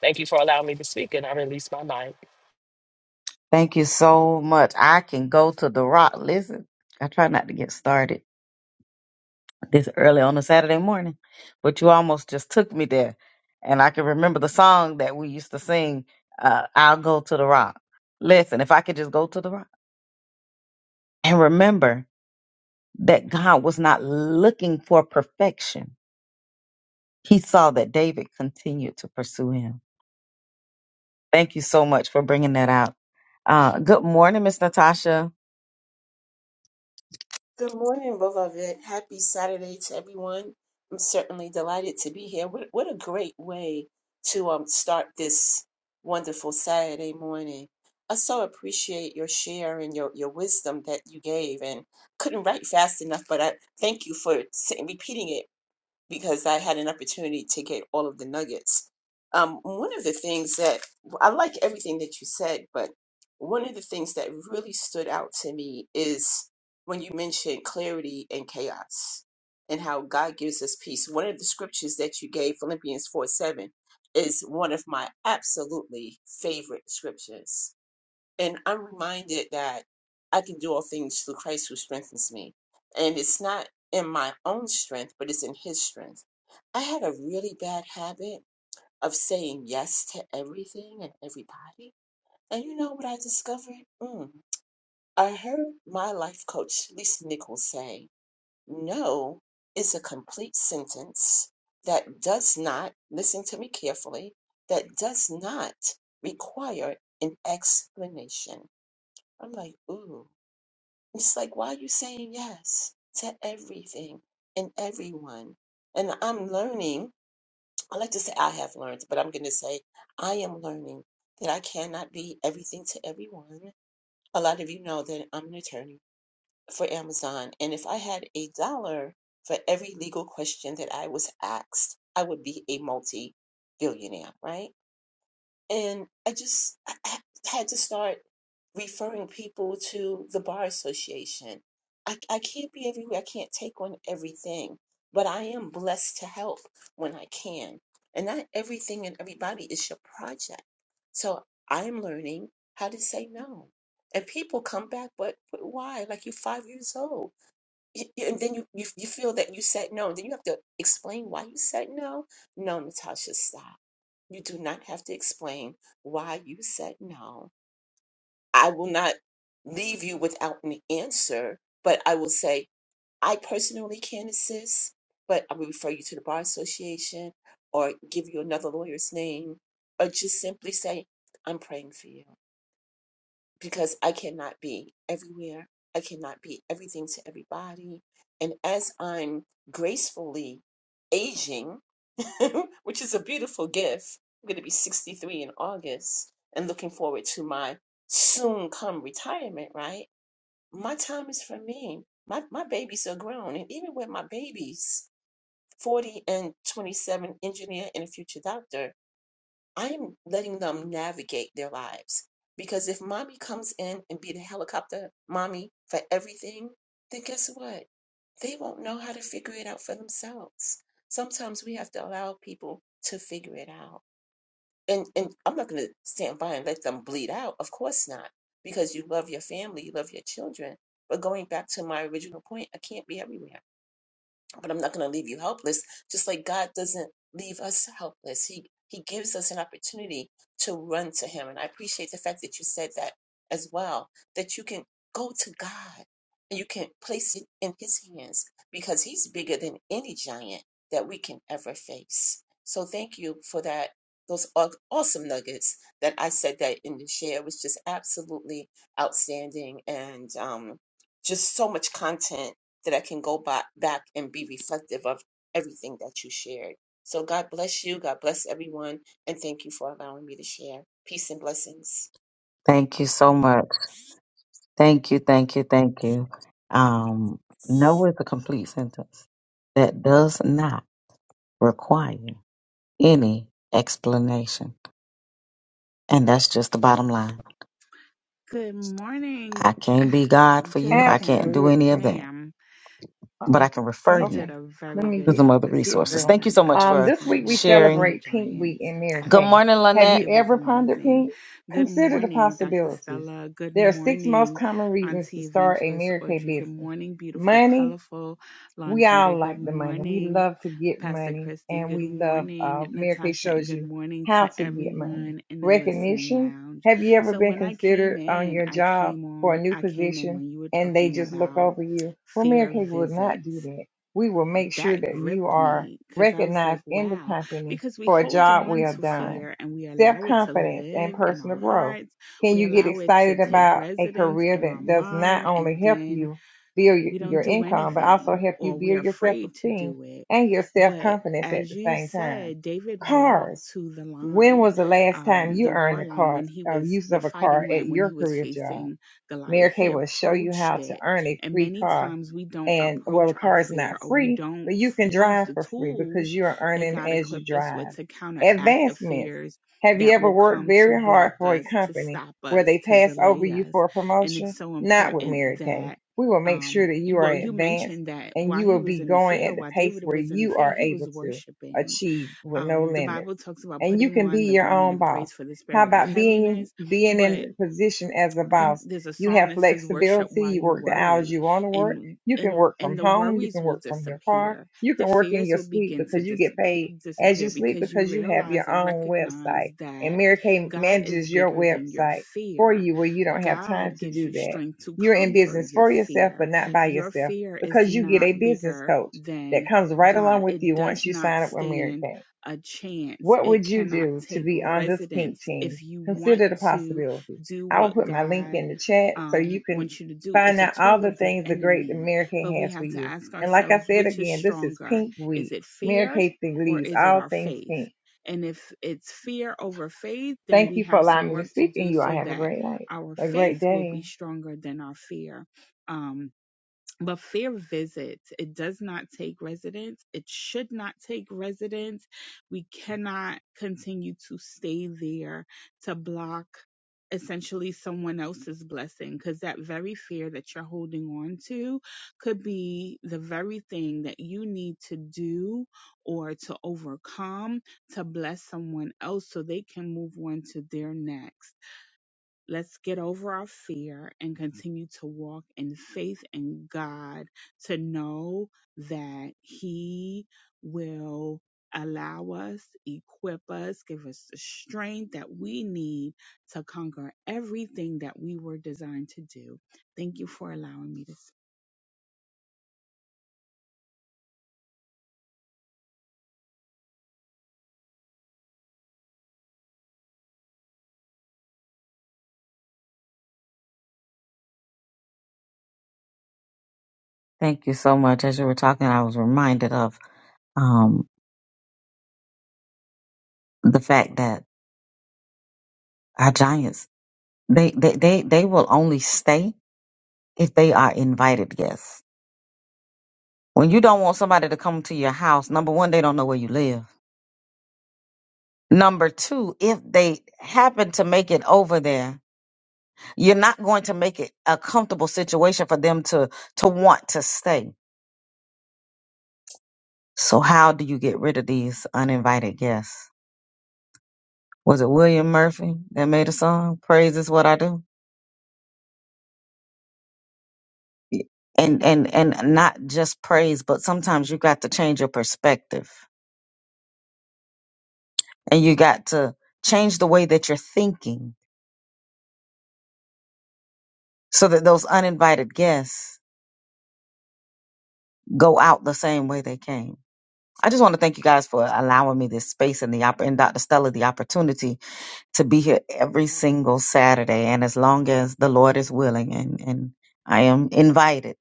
Speaker 5: Thank you for allowing me to speak, and I release my mind.
Speaker 2: Thank you so much. I can go to the rock. Listen, I try not to get started. this early on a Saturday morning, but you almost just took me there. And I can remember the song that we used to sing, uh, I'll Go to the Rock. Listen, if I could just go to the rock and remember that God was not looking for perfection, He saw that David continued to pursue Him. Thank you so much for bringing that out. Uh, good morning, Miss Natasha.
Speaker 6: Good morning, both of it. Happy Saturday to everyone. I'm certainly delighted to be here. What, what a great way to um, start this wonderful Saturday morning. I so appreciate your share and your, your wisdom that you gave and couldn't write fast enough, but I thank you for saying, repeating it because I had an opportunity to get all of the nuggets. Um, one of the things that I like everything that you said, but one of the things that really stood out to me is when you mentioned clarity and chaos and how God gives us peace. One of the scriptures that you gave, Philippians 4 7, is one of my absolutely favorite scriptures and I'm reminded that I can do all things through Christ who strengthens me. And it's not in my own strength, but it's in his strength. I had a really bad habit of saying yes to everything and everybody. And you know what I discovered? Mm. I heard my life coach, Lisa Nichols, say, No is a complete sentence that does not, listen to me carefully, that does not require an explanation. I'm like, ooh. It's like, why are you saying yes to everything and everyone? And I'm learning, I like to say I have learned, but I'm going to say I am learning that I cannot be everything to everyone. A lot of you know that I'm an attorney for Amazon. And if I had a dollar for every legal question that I was asked, I would be a multi billionaire, right? And I just I I had to start referring people to the Bar Association. I, I can't be everywhere. I can't take on everything, but I am blessed to help when I can. And not everything and everybody is your project. So I'm learning how to say no. And people come back, but, but why? Like you're five years old y- y- and then you, you you feel that you said no, and then you have to explain why you said no. No, Natasha, stop. You do not have to explain why you said no. I will not leave you without an answer, but I will say I personally can assist, but I will refer you to the bar association or give you another lawyer's name, or just simply say I'm praying for you because I cannot be everywhere. I cannot be everything to everybody. And as I'm gracefully aging, which is a beautiful gift, I'm going to be 63 in August and looking forward to my soon come retirement, right? My time is for me. My, my babies are grown. And even with my babies, 40 and 27, engineer and a future doctor, I'm letting them navigate their lives. Because if mommy comes in and be the helicopter mommy for everything, then guess what? They won't know how to figure it out for themselves. Sometimes we have to allow people to figure it out. And and I'm not gonna stand by and let them bleed out. Of course not. Because you love your family, you love your children. But going back to my original point, I can't be everywhere but I'm not going to leave you helpless. Just like God doesn't leave us helpless, He He gives us an opportunity to run to Him. And I appreciate the fact that you said that as well, that you can go to God and you can place it in His hands because He's bigger than any giant that we can ever face. So thank you for that. Those aw- awesome nuggets that I said that in the share was just absolutely outstanding and um, just so much content that I can go back, back and be reflective of everything that you shared. So God bless you. God bless everyone. And thank you for allowing me to share. Peace and blessings.
Speaker 2: Thank you so much. Thank you, thank you, thank you. Um, no is a complete sentence that does not require any explanation. And that's just the bottom line.
Speaker 7: Good
Speaker 2: I
Speaker 7: morning,
Speaker 2: can't be God for you.
Speaker 7: Just
Speaker 2: I can't do
Speaker 7: Kim.
Speaker 2: any of
Speaker 4: Absolutely.
Speaker 2: that.
Speaker 7: Ma'am,
Speaker 2: But I
Speaker 4: Uh-oh.
Speaker 2: can refer
Speaker 7: you
Speaker 2: you
Speaker 7: did
Speaker 4: Okay.
Speaker 7: a
Speaker 4: Let
Speaker 7: very
Speaker 4: me
Speaker 2: to
Speaker 7: good
Speaker 4: get
Speaker 2: some
Speaker 7: job
Speaker 2: other
Speaker 7: this
Speaker 4: get
Speaker 2: resources.
Speaker 4: through.
Speaker 2: Thank you
Speaker 7: morning
Speaker 2: so much
Speaker 7: of
Speaker 4: Um,
Speaker 2: for
Speaker 4: this week we
Speaker 7: explaining facing your
Speaker 2: sharing.
Speaker 4: celebrate Pink Week
Speaker 7: giants.
Speaker 4: in Mary
Speaker 7: I
Speaker 2: Good
Speaker 7: don't,
Speaker 4: Kay.
Speaker 2: morning,
Speaker 4: Have
Speaker 2: Lynette.
Speaker 4: you
Speaker 7: it was
Speaker 4: ever pondered
Speaker 7: amazing.
Speaker 4: pink?
Speaker 7: Good
Speaker 4: Consider the
Speaker 7: morning, Dr.
Speaker 4: possibilities.
Speaker 7: Stella. Good
Speaker 4: There are six most
Speaker 7: morning,
Speaker 4: common reasons to
Speaker 7: Auntie
Speaker 4: start a
Speaker 7: Evangelist
Speaker 4: Mary Kay
Speaker 7: Audrey. Good
Speaker 4: business:
Speaker 7: morning, beautiful,
Speaker 4: money,
Speaker 7: colorful
Speaker 4: we all
Speaker 7: Longita. Good
Speaker 4: like the money. We
Speaker 7: morning.
Speaker 4: love to get
Speaker 7: Pastor
Speaker 4: money,
Speaker 7: Christy.
Speaker 4: and
Speaker 7: Good
Speaker 4: we love. Uh,
Speaker 7: morning,
Speaker 4: Mary Kay
Speaker 7: Natasha, and
Speaker 4: shows
Speaker 7: good
Speaker 4: you
Speaker 7: morning
Speaker 4: how
Speaker 7: to
Speaker 4: to get money.
Speaker 7: everyone in the listening
Speaker 4: Recognition.
Speaker 7: lounge.
Speaker 4: Have you ever
Speaker 7: So
Speaker 4: been
Speaker 7: when I came
Speaker 4: considered on
Speaker 7: in,
Speaker 4: your
Speaker 7: I
Speaker 4: job
Speaker 7: came
Speaker 4: for a
Speaker 7: on,
Speaker 4: new
Speaker 7: I came in
Speaker 4: position,
Speaker 7: when you were
Speaker 4: and they
Speaker 7: talking
Speaker 4: just look
Speaker 7: about
Speaker 4: over you? Well, Mary
Speaker 7: fear
Speaker 4: Kay
Speaker 7: of
Speaker 4: will not do
Speaker 7: visits.
Speaker 4: that. We will make sure
Speaker 7: That
Speaker 4: that you
Speaker 7: gripped
Speaker 4: are
Speaker 7: me because I was like,
Speaker 4: recognized in the
Speaker 7: wow,
Speaker 4: company
Speaker 7: because we
Speaker 4: for a
Speaker 7: hold
Speaker 4: job
Speaker 7: on
Speaker 4: well
Speaker 7: to
Speaker 4: done.
Speaker 7: fear and we
Speaker 4: Self
Speaker 7: allow it to
Speaker 4: confidence and
Speaker 7: live in our
Speaker 4: personal growth.
Speaker 7: hearts.
Speaker 4: Can
Speaker 7: We
Speaker 4: you get
Speaker 7: allow it to
Speaker 4: excited
Speaker 7: take
Speaker 4: about a
Speaker 7: residence
Speaker 4: career
Speaker 7: in our
Speaker 4: that does not
Speaker 7: mind
Speaker 4: only
Speaker 7: and
Speaker 4: help
Speaker 7: then
Speaker 4: you? build y-
Speaker 7: we don't
Speaker 4: your
Speaker 7: do
Speaker 4: income, but also
Speaker 7: anything
Speaker 4: help you
Speaker 7: or we're
Speaker 4: build your self
Speaker 7: afraid to
Speaker 4: esteem
Speaker 7: do it.
Speaker 4: and your self
Speaker 7: But
Speaker 4: confidence at
Speaker 7: as
Speaker 4: the
Speaker 7: you
Speaker 4: same time.
Speaker 7: said, David walked
Speaker 4: Cars.
Speaker 7: to the
Speaker 4: When
Speaker 7: line,
Speaker 4: was the last time
Speaker 7: um,
Speaker 4: you
Speaker 7: the
Speaker 4: earned
Speaker 7: war
Speaker 4: a
Speaker 7: line
Speaker 4: car,
Speaker 7: when he
Speaker 4: uh,
Speaker 7: was
Speaker 4: use
Speaker 7: the
Speaker 4: of a car
Speaker 7: fighting
Speaker 4: at
Speaker 7: line when
Speaker 4: your
Speaker 7: he was
Speaker 4: career job?
Speaker 7: facing Goliath.
Speaker 4: Mary Kay
Speaker 7: He
Speaker 4: will show you
Speaker 7: approached
Speaker 4: how to
Speaker 7: it,
Speaker 4: earn a
Speaker 7: and
Speaker 4: free
Speaker 7: many
Speaker 4: car.
Speaker 7: times we don't
Speaker 4: And well, the
Speaker 7: approach our
Speaker 4: car is
Speaker 7: fear
Speaker 4: not
Speaker 7: or we
Speaker 4: free,
Speaker 7: don't
Speaker 4: but you
Speaker 7: f-
Speaker 4: can
Speaker 7: use
Speaker 4: drive
Speaker 7: the
Speaker 4: for free because
Speaker 7: tools
Speaker 4: you are
Speaker 7: that
Speaker 4: earning
Speaker 7: God
Speaker 4: as you
Speaker 7: equipped us
Speaker 4: drive.
Speaker 7: with to counteract the
Speaker 4: Advancements.
Speaker 7: fears
Speaker 4: Have you
Speaker 7: that
Speaker 4: ever
Speaker 7: will
Speaker 4: worked
Speaker 7: come to
Speaker 4: very hard
Speaker 7: block
Speaker 4: for a
Speaker 7: us, to
Speaker 4: company
Speaker 7: stop
Speaker 4: where
Speaker 7: us,
Speaker 4: they
Speaker 7: to
Speaker 4: pass over
Speaker 7: delay
Speaker 4: you
Speaker 7: us.
Speaker 4: for a
Speaker 7: And
Speaker 4: promotion?
Speaker 7: it's so
Speaker 4: Not with
Speaker 7: important
Speaker 4: Mary Kay.
Speaker 7: that
Speaker 4: We will make sure
Speaker 7: um
Speaker 4: that
Speaker 7: you-
Speaker 4: you are
Speaker 7: well you
Speaker 4: advanced
Speaker 7: mentioned that
Speaker 4: and
Speaker 7: while
Speaker 4: you
Speaker 7: he
Speaker 4: will
Speaker 7: was
Speaker 4: be
Speaker 7: in the
Speaker 4: going at
Speaker 7: field
Speaker 4: the
Speaker 7: while
Speaker 4: pace
Speaker 7: david
Speaker 4: where
Speaker 7: was in the
Speaker 4: you
Speaker 7: field
Speaker 4: are
Speaker 7: he was
Speaker 4: able to
Speaker 7: worshiping
Speaker 4: achieve with no
Speaker 7: um the
Speaker 4: limits.
Speaker 7: bible talks about
Speaker 4: And you
Speaker 7: putting
Speaker 4: can be
Speaker 7: on the
Speaker 4: your
Speaker 7: garment
Speaker 4: own
Speaker 7: of praise
Speaker 4: boss.
Speaker 7: for the
Speaker 4: How
Speaker 7: spirit of
Speaker 4: about being
Speaker 7: heaviness
Speaker 4: being
Speaker 7: but
Speaker 4: in position as a
Speaker 7: I think
Speaker 4: boss?
Speaker 7: there's a
Speaker 4: You
Speaker 7: song
Speaker 4: have
Speaker 7: that says worship
Speaker 4: flexibility.
Speaker 7: while
Speaker 4: You
Speaker 7: you
Speaker 4: work the hours
Speaker 7: worry
Speaker 4: you want to work.
Speaker 7: and
Speaker 4: You can
Speaker 7: and
Speaker 4: work from
Speaker 7: and the
Speaker 4: home. You
Speaker 7: worries
Speaker 4: can
Speaker 7: will
Speaker 4: work from your car.
Speaker 7: disappear.
Speaker 4: You
Speaker 7: The
Speaker 4: can work in
Speaker 7: fears
Speaker 4: your
Speaker 7: will
Speaker 4: sleep
Speaker 7: begin to
Speaker 4: because you
Speaker 7: dis-
Speaker 4: get paid as you
Speaker 7: disappear
Speaker 4: sleep
Speaker 7: because you
Speaker 4: because you have
Speaker 7: realize
Speaker 4: your
Speaker 7: and
Speaker 4: own website.
Speaker 7: recognize
Speaker 4: And
Speaker 7: that
Speaker 4: Mary Kay
Speaker 7: God is
Speaker 4: manages your
Speaker 7: bigger than your
Speaker 4: website for
Speaker 7: fear.
Speaker 4: you where you don't have time
Speaker 7: God
Speaker 4: to
Speaker 7: gives
Speaker 4: do
Speaker 7: you
Speaker 4: that.
Speaker 7: strength to
Speaker 4: You're in
Speaker 7: conquer
Speaker 4: business
Speaker 7: your
Speaker 4: for yourself, but
Speaker 7: fear.
Speaker 4: not by
Speaker 7: Your
Speaker 4: yourself
Speaker 7: fear is
Speaker 4: because you get
Speaker 7: not
Speaker 4: a business
Speaker 7: bigger
Speaker 4: coach that
Speaker 7: than
Speaker 4: comes right along
Speaker 7: God.
Speaker 4: with
Speaker 7: It
Speaker 4: you
Speaker 7: does
Speaker 4: once you
Speaker 7: not
Speaker 4: sign up with Mary
Speaker 7: stand
Speaker 4: Kay.
Speaker 7: a chance.
Speaker 4: What
Speaker 7: It
Speaker 4: would you
Speaker 7: cannot
Speaker 4: do to
Speaker 7: take
Speaker 4: be on this pink
Speaker 7: residence
Speaker 4: team?
Speaker 7: if you want
Speaker 4: Consider the
Speaker 7: to
Speaker 4: possibilities.
Speaker 7: do
Speaker 4: I will
Speaker 7: what
Speaker 4: put my link
Speaker 7: God
Speaker 4: in the chat so you
Speaker 7: um,
Speaker 4: can
Speaker 7: wants you to do.
Speaker 4: find
Speaker 7: It's a
Speaker 4: out all
Speaker 7: tool
Speaker 4: the
Speaker 7: of the
Speaker 4: things the great
Speaker 7: enemy,
Speaker 4: America
Speaker 7: but we
Speaker 4: has for
Speaker 7: have to
Speaker 4: you.
Speaker 7: ask
Speaker 4: And like I
Speaker 7: ourselves
Speaker 4: said
Speaker 7: which is
Speaker 4: again, this is
Speaker 7: stronger?
Speaker 4: Pink
Speaker 7: Is
Speaker 4: Week.
Speaker 7: it
Speaker 4: Mary
Speaker 7: fear
Speaker 4: Kay
Speaker 7: or
Speaker 4: believes
Speaker 7: is it
Speaker 4: all
Speaker 7: our
Speaker 4: things
Speaker 7: faith?
Speaker 4: pink.
Speaker 7: And if it's fear over faith, then
Speaker 4: Thank
Speaker 7: we
Speaker 4: you for
Speaker 7: have
Speaker 4: allowing
Speaker 7: some
Speaker 4: me to
Speaker 7: work to
Speaker 4: speak, and
Speaker 7: do
Speaker 4: you all
Speaker 7: so
Speaker 4: have a
Speaker 7: that
Speaker 4: great night,
Speaker 7: our
Speaker 4: a great
Speaker 7: faith will be
Speaker 4: day.
Speaker 7: stronger than our fear. Um, but fear visits, it does not take residence. It should not take residence. We cannot continue to stay there to block essentially someone else's blessing because that very fear that you're holding on to could be the very thing that you need to do or to overcome to bless someone else so they can move on to their next. Let's get over our fear and continue to walk in faith in God to know that He will allow us, equip us, give us the strength that we need to conquer everything that we were designed to do. Thank you for allowing me to speak.
Speaker 2: Thank you so much. As you were talking, I was reminded of um, the fact that our giants, they, they, they, they will only stay if they are invited guests. When you don't want somebody to come to your house, number one, they don't know where you live Number two, if they happen to make it over there, you're not going to make it a comfortable situation for them to to want to stay. So how do you get rid of these uninvited guests? Was it William Murphy that made a song? Praise is what I do. And and and not just praise, but sometimes you got to change your perspective and you got to change the way that you're thinking so that those uninvited guests go out the same way they came. I just want to thank you guys for allowing me this space and the opp- and Dr. Stella the opportunity to be here every single Saturday. And as long as the Lord is willing and, and I am invited,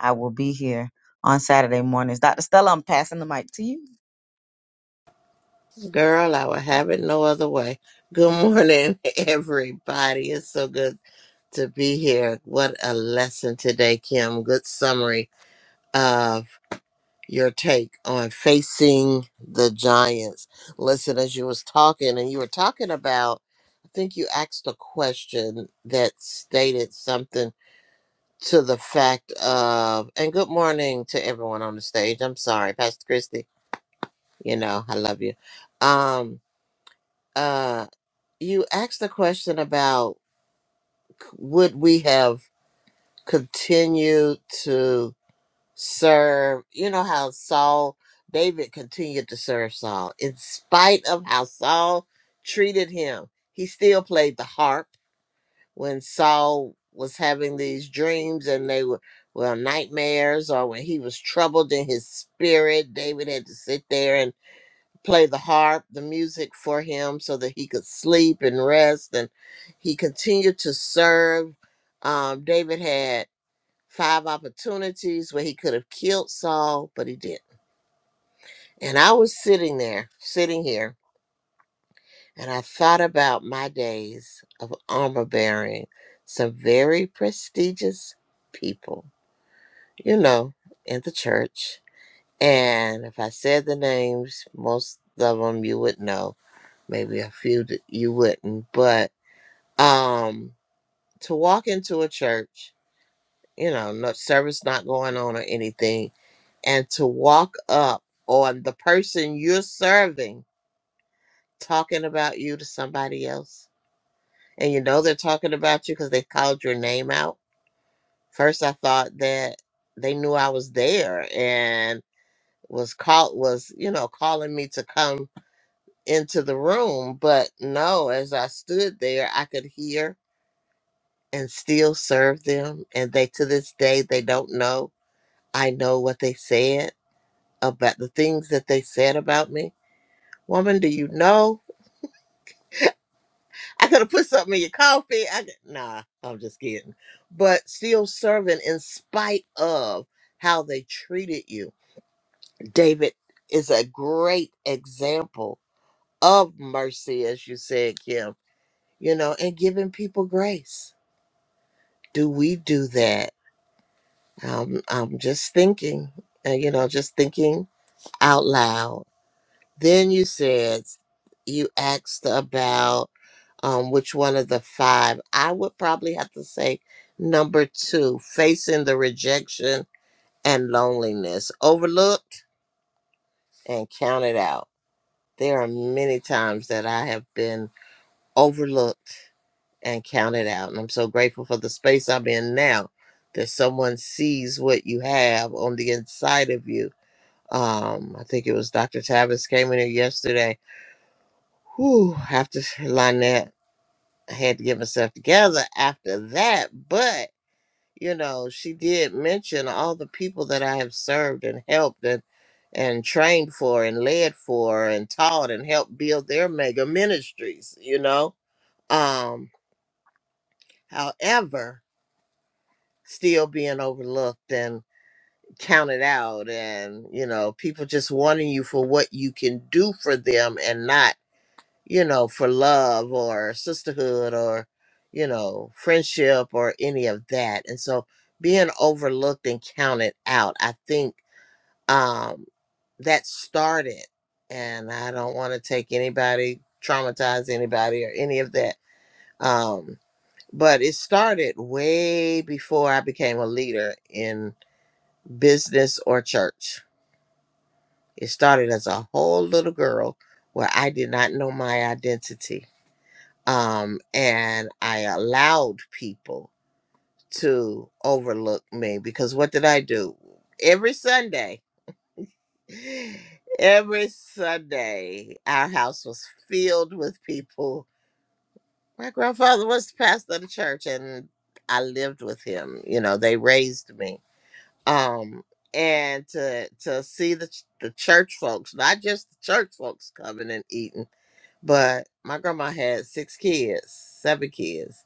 Speaker 2: I will be here on Saturday mornings. Dr. Stella, I'm passing the mic to you.
Speaker 1: girl, I would have it no other way. Good morning, everybody. It's so good to be here. What a lesson today, Kim. Good summary of your take on facing the giants. Listen, as you was talking and you were talking about think you asked a question that stated something to the fact of, and good morning to everyone on the stage. I'm sorry, Pastor Christy. You know, I love you. Um, uh, you asked a question about c- would we have continued to serve? You know how Saul, David continued to serve Saul in spite of how Saul treated him. He still played the harp when Saul was having these dreams and they were well nightmares or when he was troubled in his spirit David had to sit there and play the harp the music for him so that he could sleep and rest and he continued to serve um, David had five opportunities where he could have killed Saul but he didn't and I was sitting there sitting here and I thought about my days of armor bearing some very prestigious people, you know, in the church. And if I said the names, most of them you would know, maybe a few that you wouldn't. But um, to walk into a church, you know, no service not going on or anything, and to walk up on the person you're serving talking about you to somebody else and you know they're talking about you because they called your name out. First, I thought that they knew I was there and was called was you know calling me to come into the room, but no. As I stood there, I could hear and still serve them, and they to this day they don't know I know what they said about the things that they said about me. Woman, do you know? I could have put something in your coffee. I could, nah, I'm just kidding. But still serving in spite of how they treated you. David is a great example of mercy, as you said, Kim. You know, and giving people grace. Do we do that? Um, I'm just thinking, uh, you know, just thinking out loud Then you said you asked about um, which one of the five. I would probably have to say number two, facing the rejection and loneliness, overlooked and counted out. There are many times that I have been overlooked and counted out. And I'm so grateful for the space I'm in now that someone sees what you have on the inside of you. Um, I think it was Dr. Tavis came in here yesterday Whew, after Lynette had to get herself together after that, but you know, she did mention all the people that I have served and helped and and trained for and led for and taught and helped build their mega ministries, you know. Um, however, still being overlooked and counted out and you know, people just wanting you for what you can do for them and not you know, for love or sisterhood or, you know, friendship or any of that. And so being overlooked and counted out, I think um, that started. And I don't want to take anybody, traumatize anybody or any of that. Um, but it started way before I became a leader in business or church. It started as a whole little girl where I did not know my identity um, and I allowed people to overlook me because what did I do? Every Sunday, every Sunday, our house was filled with people. My grandfather was the pastor of the church, and I lived with him. You know, they raised me. Um, and to to see the ch- the church folks, not just the church folks coming and eating, but my grandma had six kids, seven kids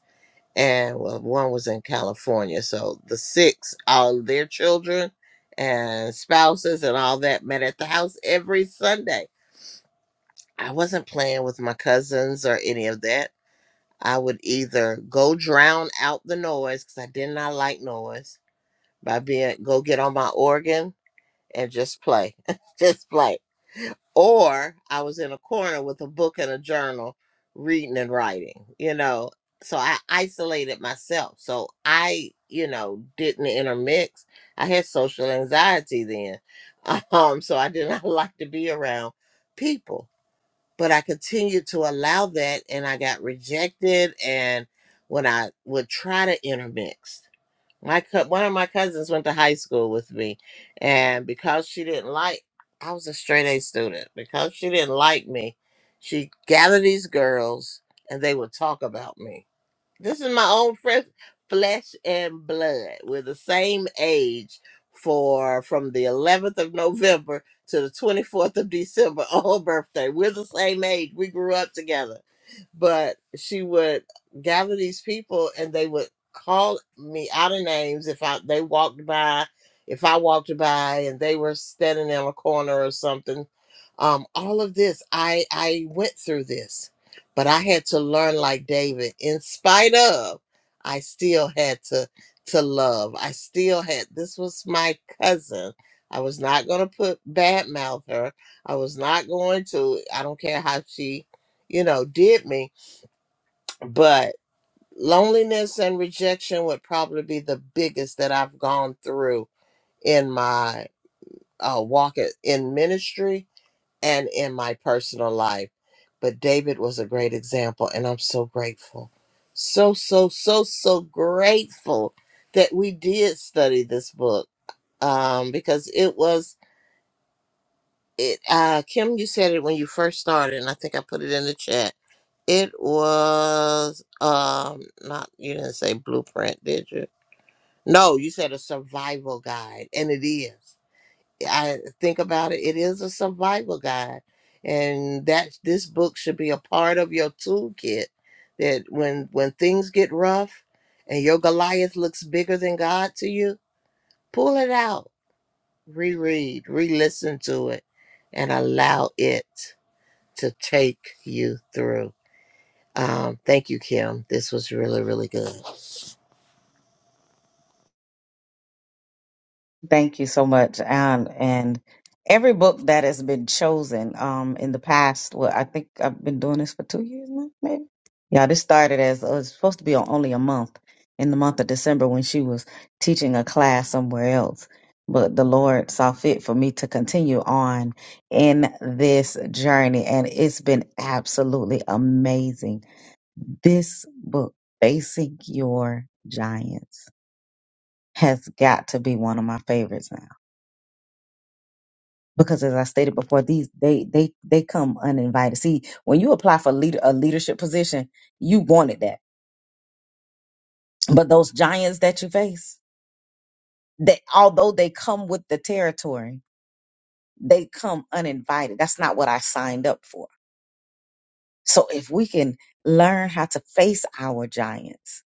Speaker 1: and well, one was in California. So the six, all their children and spouses and all that met at the house every Sunday. I wasn't playing with my cousins or any of that. I would either go drown out the noise because I did not like noise by being go get on my organ and just play, just play or I was in a corner with a book and a journal reading and writing, you know. So I isolated myself. So I, you know, didn't intermix. I had social anxiety then. Um, so I did not like to be around people. But I continued to allow that and I got rejected and when I would try to intermix my co- one of my cousins went to high school with me and because she didn't like i was a straight a student because she didn't like me she gathered these girls and they would talk about me this is my own fresh flesh and blood. We're the same age for from the 11th of November to the 24th of December on her birthday. We're the same age. We grew up together. But she would gather these people and they would call me out of names if I they walked by, if I walked by and they were standing in a corner or something. Um, all of this, I I went through this but I had to learn like David. In spite of, I still had to to love. I still had this was my cousin. I was not going to put bad mouth her. I was not going to. I don't care how she, you know, did me. But loneliness and rejection would probably be the biggest that I've gone through in my uh, walk it- in ministry and in my personal life. But David was a great example, and I'm so grateful. So, so, so, so grateful that we did study this book um, because it was, it. Uh, Kim, you said it when you first started, and I think I put it in the chat. It was um not you didn't say blueprint, did you? No, you said a survival guide, and it is. I think about it, it is a survival guide. And that this book should be a part of your toolkit that when when things get rough and your Goliath looks bigger than God to you, pull it out, reread, re-listen to it, and allow it to take you through. Um, thank you, Kim. This was really, really good.
Speaker 2: Thank you so much. Um, and every book that has been chosen um, in the past, well, I think I've been doing this for two years now, maybe. Yeah, this started as uh, it's supposed to be on only a month in the month of December when she was teaching a class somewhere else. But the Lord saw fit for me to continue on in this journey, and it's been absolutely amazing. This book, Facing Your Giants, has got to be one of my favorites now because as I stated before, these they they they come uninvited. See, when you apply for leader a leadership position, you wanted that. But those giants that you face, they although they come with the territory, they come uninvited. That's not what I signed up for. So if we can learn how to face our giants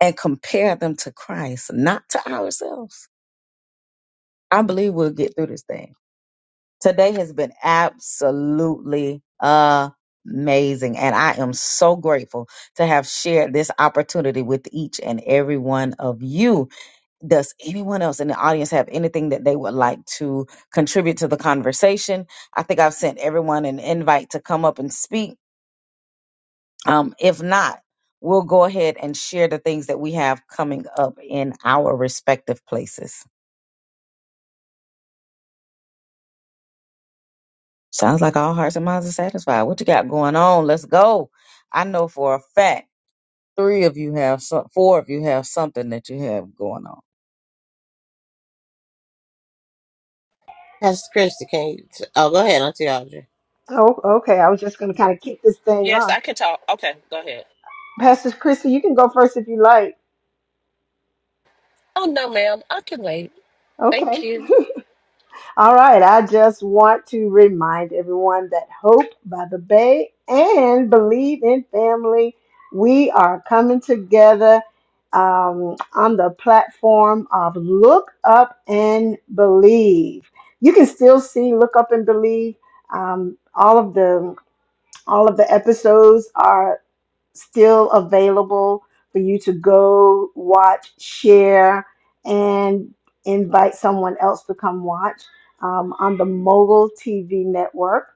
Speaker 2: and compare them to Christ, not to ourselves, I believe we'll get through this thing. Today has been absolutely amazing. And I am so grateful to have shared this opportunity with each and every one of you. Does anyone else in the audience have anything that they would like to contribute to the conversation? I think I've sent everyone an invite to come up and speak. Um, if not, we'll go ahead and share the things that we have coming up in our respective places. Sounds like all hearts and minds are satisfied. What you got going on? Let's go. I know for a fact three of you have some, four of you have something that you have going on.
Speaker 1: That's Christy. Can you? T- oh, go ahead, Auntie Audrey.
Speaker 3: Oh, okay. I was just going to kind of kick this thing
Speaker 5: Yes,
Speaker 3: off.
Speaker 5: I can talk. Okay, go ahead.
Speaker 3: Pastor Christy, you can go first if you like.
Speaker 5: Oh, no, ma'am. I can wait.
Speaker 3: Okay.
Speaker 5: Thank you.
Speaker 3: All right, I just want to remind everyone that Hope by the Bay and Believe in Family, we are coming together um, on the platform of Look Up and Believe. You can still see Look Up and Believe. Um, all of the all of the episodes are still available for you to go watch, share, and invite someone else to come watch um, on the Mogul TV network.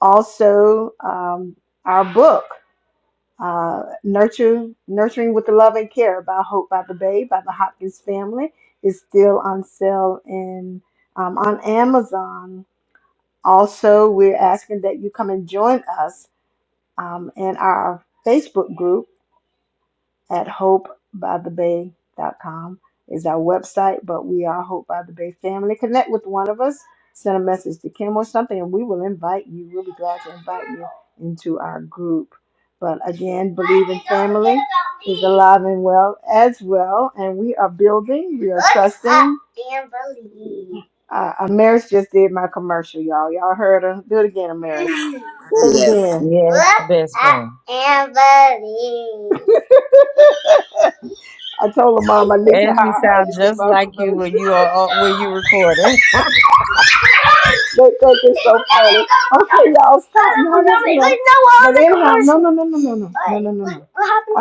Speaker 3: Also, um, our book, uh, Nurture, Nurturing with the Love and Care by Hope by the Bay by the Hopkins family, is still on sale in, um, on Amazon. Also, we're asking that you come and join us um, in our Facebook group at hopebythebay.com is our website, but we are Hope by the Bay family. Connect with one of us, send a message to Kim or something, and we will invite you. We'll be glad to invite you into our group. But again, believing Family is alive and well as well, and we are building, we are trusting. Uh, Amaris just did my commercial, y'all. Y'all heard her. Do it again, Amaris. Say it again.
Speaker 2: Yes,
Speaker 3: Look
Speaker 2: best
Speaker 3: up
Speaker 2: friend.
Speaker 3: and believe. I told her mom I need to
Speaker 2: Ashley
Speaker 3: hire her
Speaker 2: sound
Speaker 3: to do
Speaker 2: just
Speaker 3: my
Speaker 2: like you
Speaker 3: commercials.
Speaker 2: when you are uh, when you recorded.
Speaker 3: they think it's so funny. Okay, y'all stop. No, no, enough. But anyhow, no, no, no, no, no, no, no, no, no, no.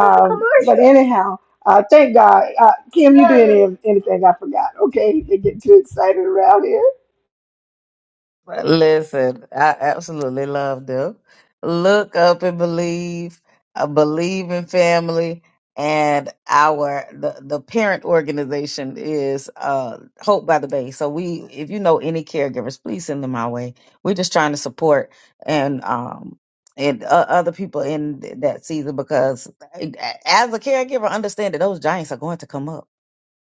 Speaker 3: Um, but anyhow, uh, thank God, uh, Kim, you did any, anything I forgot? Okay, they get too excited around here.
Speaker 2: Listen, I absolutely love them. Look up and believe, uh, believe in family, and our the the parent organization is uh Hope by the Bay. So we, if you know any caregivers, please send them my way. We're just trying to support and um and uh, other people in th- that season because uh, as a caregiver, understand that those giants are going to come up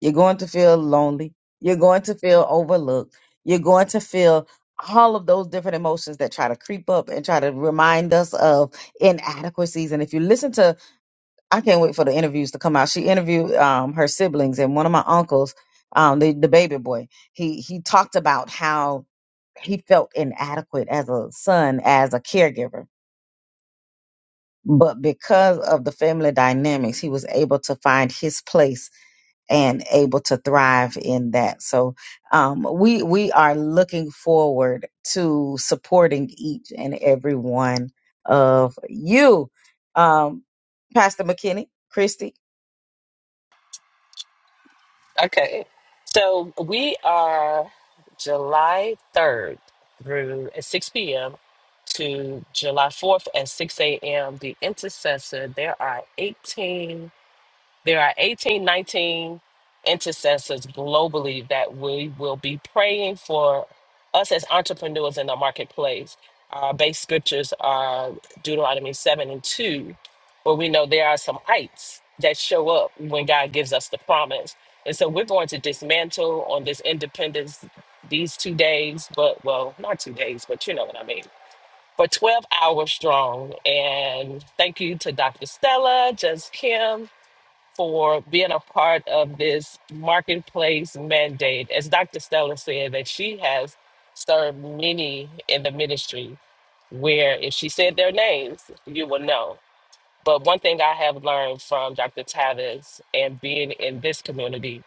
Speaker 2: you're going to feel lonely. You're going to feel overlooked. You're going to feel all of those different emotions that try to creep up and try to remind us of inadequacies. And if you listen to, I can't wait for the interviews to come out. She interviewed um, her siblings and one of my uncles, um, the, the baby boy. He he talked about how he felt inadequate as a son, as a caregiver. But because of the family dynamics, he was able to find his place and able to thrive in that. So um, we we are looking forward to supporting each and every one of you, um, Pastor McKinney, Christy.
Speaker 5: Okay. So we are July 3rd through at 6 p.m. to July 4th at 6 a.m. The intercessor, there are 18. There are 18, 19 intercessors globally that we will be praying for us as entrepreneurs in the marketplace. Our base scriptures are Deuteronomy 7 and 2, where we know there are some ites that show up when God gives us the promise. And so we're going to dismantle on this independence these two days, but well, not two days, but you know what I mean for 12 hours strong. And thank you to Dr. Stella, Just Kim, for being a part of this marketplace mandate. As Dr. Stella said, that she has served many in the ministry where if she said their names, you will know. But one thing I have learned from Dr. Tavis and being in this community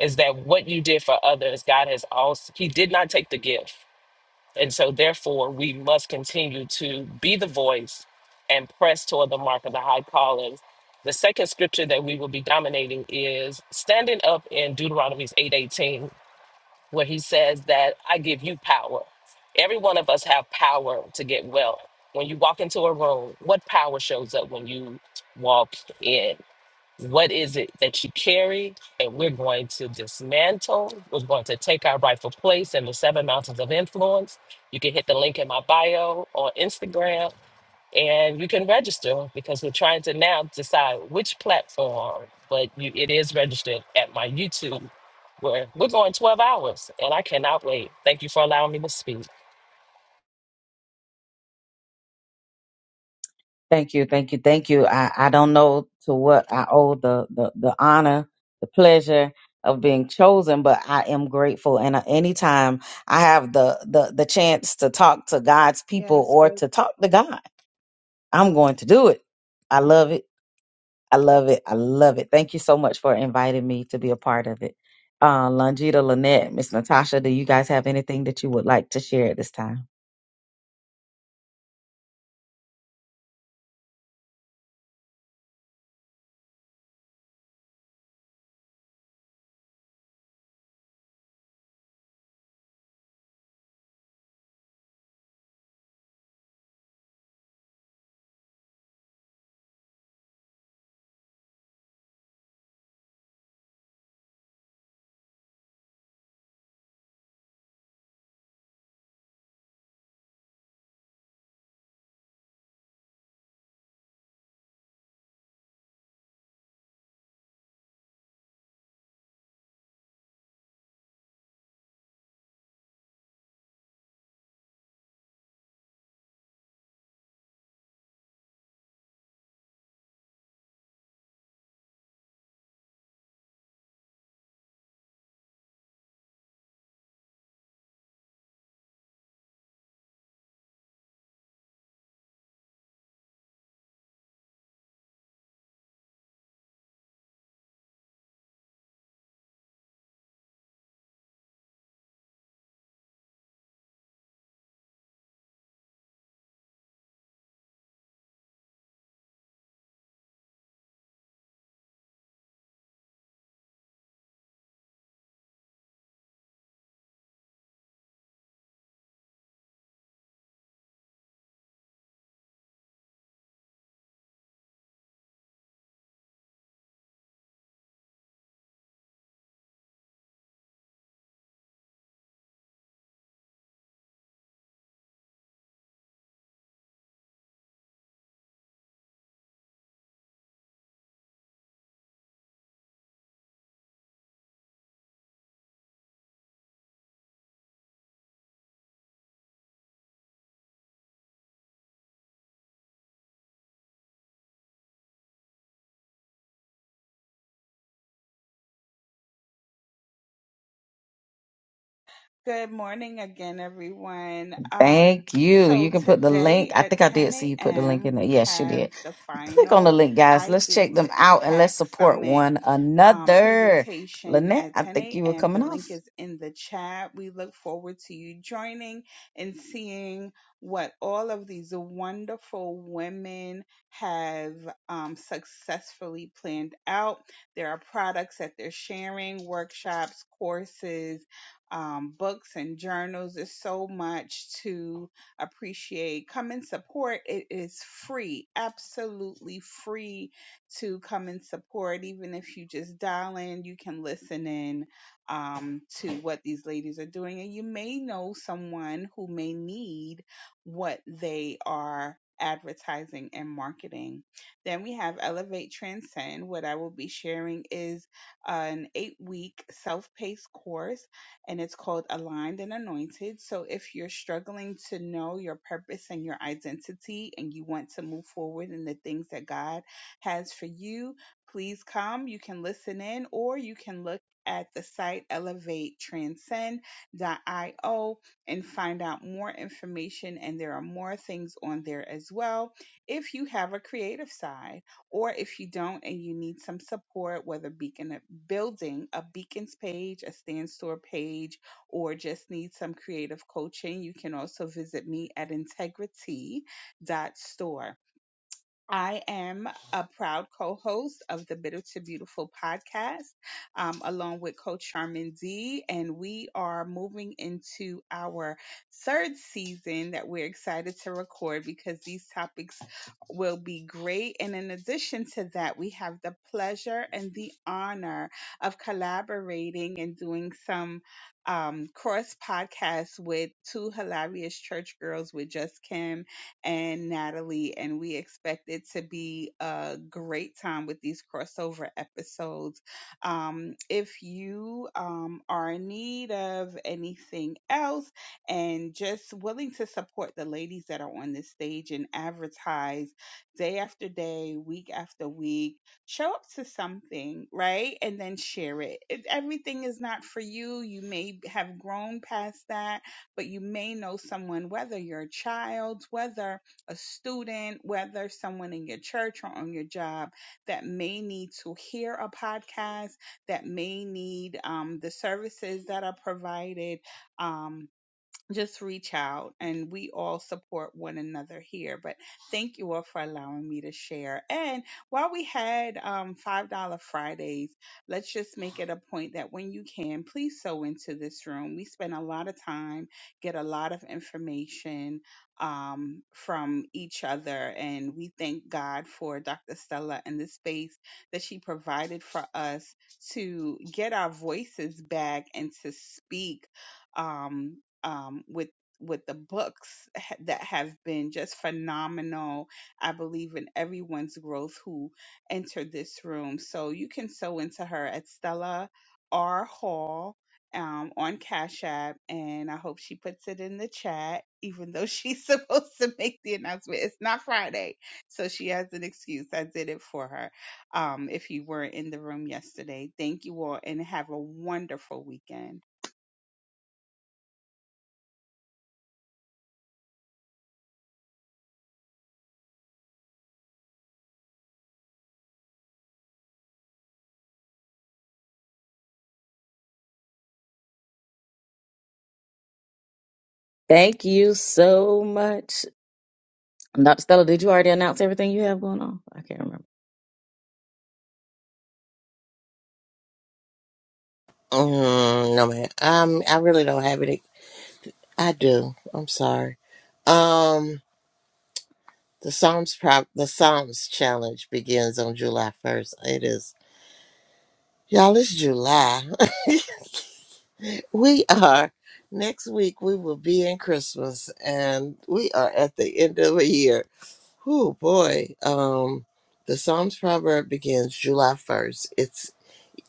Speaker 5: is that what you did for others, God has also, He did not take the gift. And so, therefore, we must continue to be the voice and press toward the mark of the high calling. The second scripture that we will be dominating is standing up in Deuteronomy's 8:18, where he says that I give you power. Every one of us have power to get well. When you walk into a room, what power shows up when you walk in? What is it that you carry? And we're going to dismantle. We're going to take our rightful place in the seven mountains of influence. You can hit the link in my bio on Instagram and you can register because we're trying to now decide which platform, but you, it is registered at my YouTube where we're going 12 hours and I cannot wait. Thank you for allowing me to speak.
Speaker 2: Thank you, thank you, thank you. I, I don't know to what I owe the, the the honor, the pleasure of being chosen, but I am grateful. And uh, anytime I have the the the chance to talk to God's people
Speaker 7: Yes.
Speaker 2: or to talk to God, I'm going to do it. I love it. I love it. I love it. Thank you so much for inviting me to be a part of it. Uh, Longita, Lynette, Miss Natasha, do you guys have anything that you would like to share at this time?
Speaker 7: Good morning again, everyone. Um,
Speaker 2: Thank you. You
Speaker 7: so
Speaker 2: can put the link.
Speaker 7: today
Speaker 2: I
Speaker 7: at
Speaker 2: think I
Speaker 7: 10
Speaker 2: did see you put the link in
Speaker 7: a.m.,
Speaker 2: there.
Speaker 7: we
Speaker 2: Yes, she
Speaker 7: have
Speaker 2: did.
Speaker 7: the
Speaker 2: Click on the
Speaker 7: final
Speaker 2: link, guys. Let's
Speaker 7: Idea
Speaker 2: check them
Speaker 7: to
Speaker 2: out and let's
Speaker 7: Impact
Speaker 2: support
Speaker 7: Summit
Speaker 2: one
Speaker 7: um,
Speaker 2: another.
Speaker 7: presentation
Speaker 2: Lynette,
Speaker 7: at
Speaker 2: I
Speaker 7: 10
Speaker 2: think you were
Speaker 7: a.m. The
Speaker 2: coming off.
Speaker 7: link is in the chat. We look forward to you joining and seeing what all of these wonderful women have um, successfully planned out. There are products that they're sharing, workshops, courses, um, books and journals. There's so much to appreciate. Come and support. It is free, absolutely free to come and support. Even if you just dial in, you can listen in um, to what these ladies are doing. And you may know someone who may need what they are advertising and marketing. Then we have Elevate Transcend. What I will be sharing is an eight week self paced course and it's called Aligned and Anointed. So if you're struggling to know your purpose and your identity and you want to move forward in the things that God has for you, please come. You can listen in or you can look at the site elevatetranscend.io and find out more information and there are more things on there as well if you have a creative side. Or if you don't and you need some support, whether beacon building a beacons page, a stand store page, or just need some creative coaching, you can also visit me at integrity dot store. I am a proud co host of the Bitter to Beautiful podcast, um, along with Coach Charmin D. And we are moving into our third season that we're excited to record because these topics will be great. And in addition to that, we have the pleasure and the honor of collaborating and doing some. Um, cross podcasts with two hilarious church girls with Just Kim and Natalie, and we expect it to be a great time with these crossover episodes. Um, if you um, are in need of anything else and just willing to support the ladies that are on this stage and advertise day after day, week after week, show up to something, right? And then share it. If everything is not for you, you may have grown past that but you may know someone, whether your are child, whether a student, whether someone in your church or on your job that may need to hear a podcast, that may need um, the services that are provided. Um, just reach out and we all support one another here. But thank you all for allowing me to share. And while we had um, $5 Fridays, let's just make it a point that when you can, please sew into this room. We spend a lot of time, get a lot of information um, from each other. And we thank God for Dr. Stella and the space that she provided for us to get our voices back and to speak. Um, um, with with the books ha- that have been just phenomenal. I believe in everyone's growth who entered this room. So you can sew into her at Stella R Hall um, on Cash App, and I hope she puts it in the chat. Even though she's supposed to make the announcement, it's not Friday, so she has an excuse. I did it for her. Um, if you were in the room yesterday, thank you all, and have a wonderful weekend.
Speaker 2: Thank you so much. Dr. Stella, did you already announce everything you have going on? I can't remember.
Speaker 1: Mm, no, man. Um, I really don't have any I do. I'm sorry. Um, the Psalms prop the Psalms challenge begins on July 1st. It is y'all. It's July. we are next week. We will be in Christmas, and we are at the end of a year. Oh boy. Um, the Psalms proverb begins July 1st. It's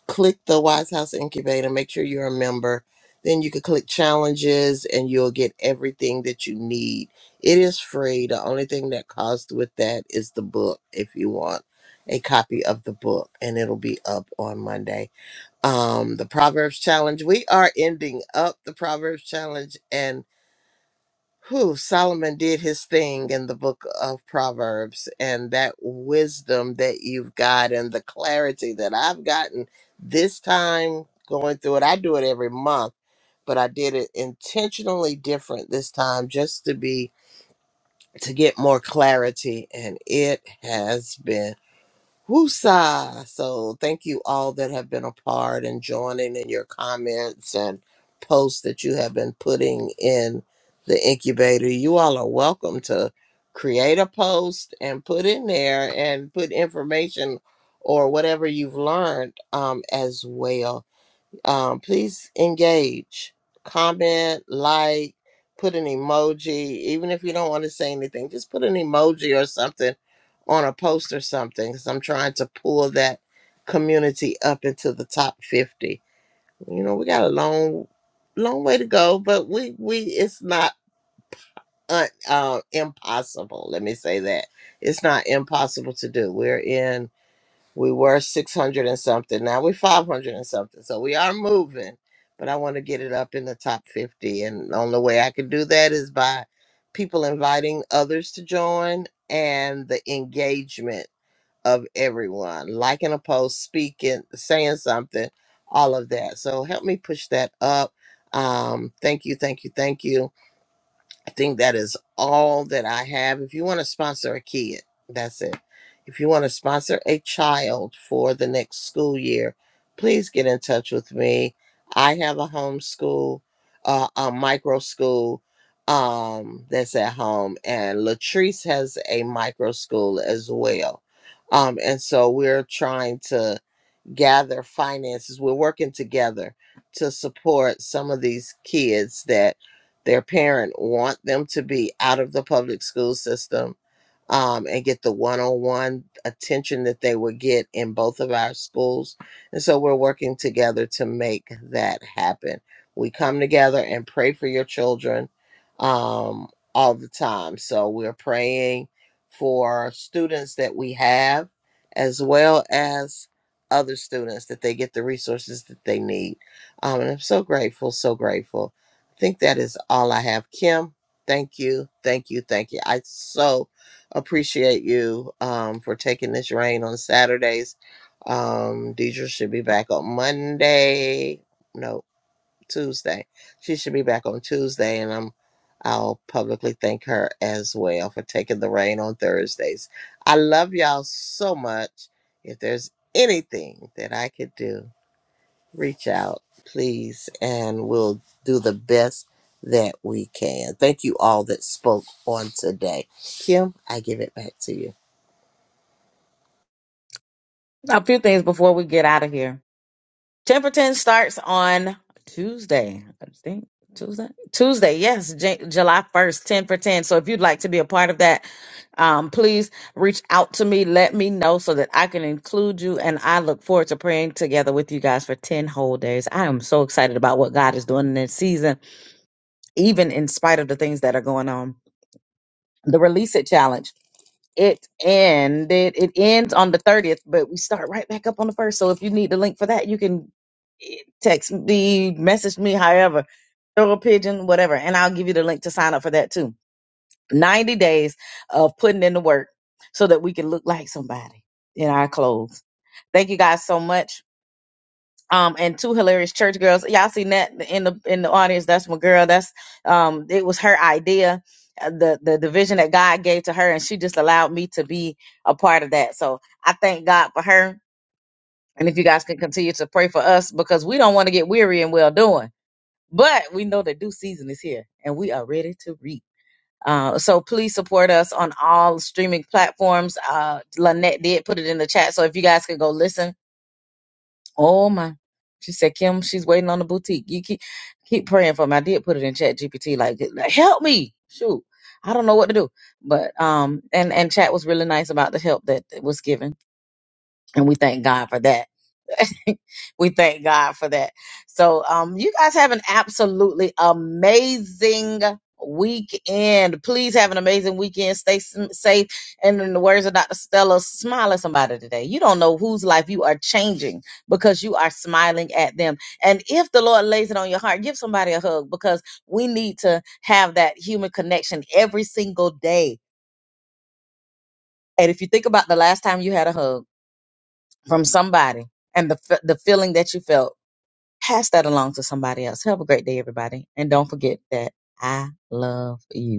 Speaker 1: click the Wise House Incubator, make sure you're a member. Then you can click challenges and you'll get everything that you need. It is free. The only thing that costs with that is the book if you want a copy of the book and it'll be up on Monday. Um the Proverbs challenge. We are ending up the Proverbs challenge and who Solomon did his thing in the book of Proverbs, and that wisdom that you've got, and the clarity that I've gotten this time going through it. I do it every month, but I did it intentionally different this time just to be to get more clarity, and it has been. Woosa. So thank you all that have been a part and joining in your comments and posts that you have been putting in the incubator. You all are welcome to create a post and put in there and put information or whatever you've learned um, as well. Um, please engage, comment, like, put an emoji. Even if you don't want to say anything, just put an emoji or something on a post or something. Because I'm trying to pull that community up into the top 50. You know, we got a long, long way to go, but we we it's not un, uh, impossible. Let me say that it's not impossible to do. We're in we were 600 and something now we're 500 and something so we are moving but i want to get it up in the top 50 and the only way i can do that is by people inviting others to join and the engagement of everyone liking a post speaking saying something all of that so help me push that up um thank you thank you thank you I think that is all that I have. If you want to sponsor a kid, that's it. If you want to sponsor a child for the next school year, please get in touch with me. I have a homeschool, uh, a micro school um, that's at home, and Latrice has a micro school as well. Um, and so we're trying to gather finances. We're working together to support some of these kids that their parent want them to be out of the public school system um, and get the one-on-one attention that they would get in both of our schools and so we're working together to make that happen we come together and pray for your children um, all the time so we're praying for students that we have as well as other students that they get the resources that they need um, and i'm so grateful so grateful i think that is all i have kim thank you thank you thank you i so appreciate you um, for taking this rain on Saturdays. Um, Deidre should be back on Monday. No, Tuesday. She should be back on Tuesday, and I'm I'll publicly thank her as well for taking the rain on Thursdays. I love y'all so much. If there's anything that I could do, reach out, please, and we'll do the best that we can. Thank you all that spoke on today. Kim, I give it back to you.
Speaker 2: A few things before we get out of here. 10 for 10 starts on Tuesday. I think Tuesday. Tuesday, yes, J- July 1st, 10 for 10. So if you'd like to be a part of that, um, please reach out to me. Let me know so that I can include you. And I look forward to praying together with you guys for 10 whole days. I am so excited about what God is doing in this season, even in spite of the things that are going on. The Release It Challenge. it ended. It ends on the 30th, but we start right back up on the first. So if you need the link for that, you can eh, text me, message me, however, throw a pigeon, whatever, and I'll give you the link to sign up for that too. 90 days of putting in the work so that we can look like somebody in our clothes. Thank you guys so much um and two hilarious church girls y'all seen that in the in the audience that's my girl that's um it was her idea uh, the the the vision that god gave to her and she just allowed me to be a part of that so i thank god for her and if you guys can continue to pray for us because we don't want to get weary and well doing but we know the due season is here and we are ready to reap uh, so please support us on all streaming platforms. Uh, Lynette did put it in the chat, so if you guys can go listen Oh my. She said, Kim, she's waiting on the boutique. You keep keep praying for me. I did put it in chat GPT, like like, help me. Shoot. I don't know what to do. But um and and chat was really nice about the help that was given. And we thank God for that. we thank God for that. So, um, you guys have an absolutely amazing weekend. Please have an amazing weekend. Stay s- safe. And in the words of Dr. Stella, smile at somebody today. You don't know whose life you are changing because you are smiling at them. And if the Lord lays it on your heart, give somebody a hug because we need to have that human connection every single day. And if you think about the last time you had a hug from somebody and the, f- the feeling that you felt, Pass that along to somebody else. Have a great day, everybody. And don't forget that I love you.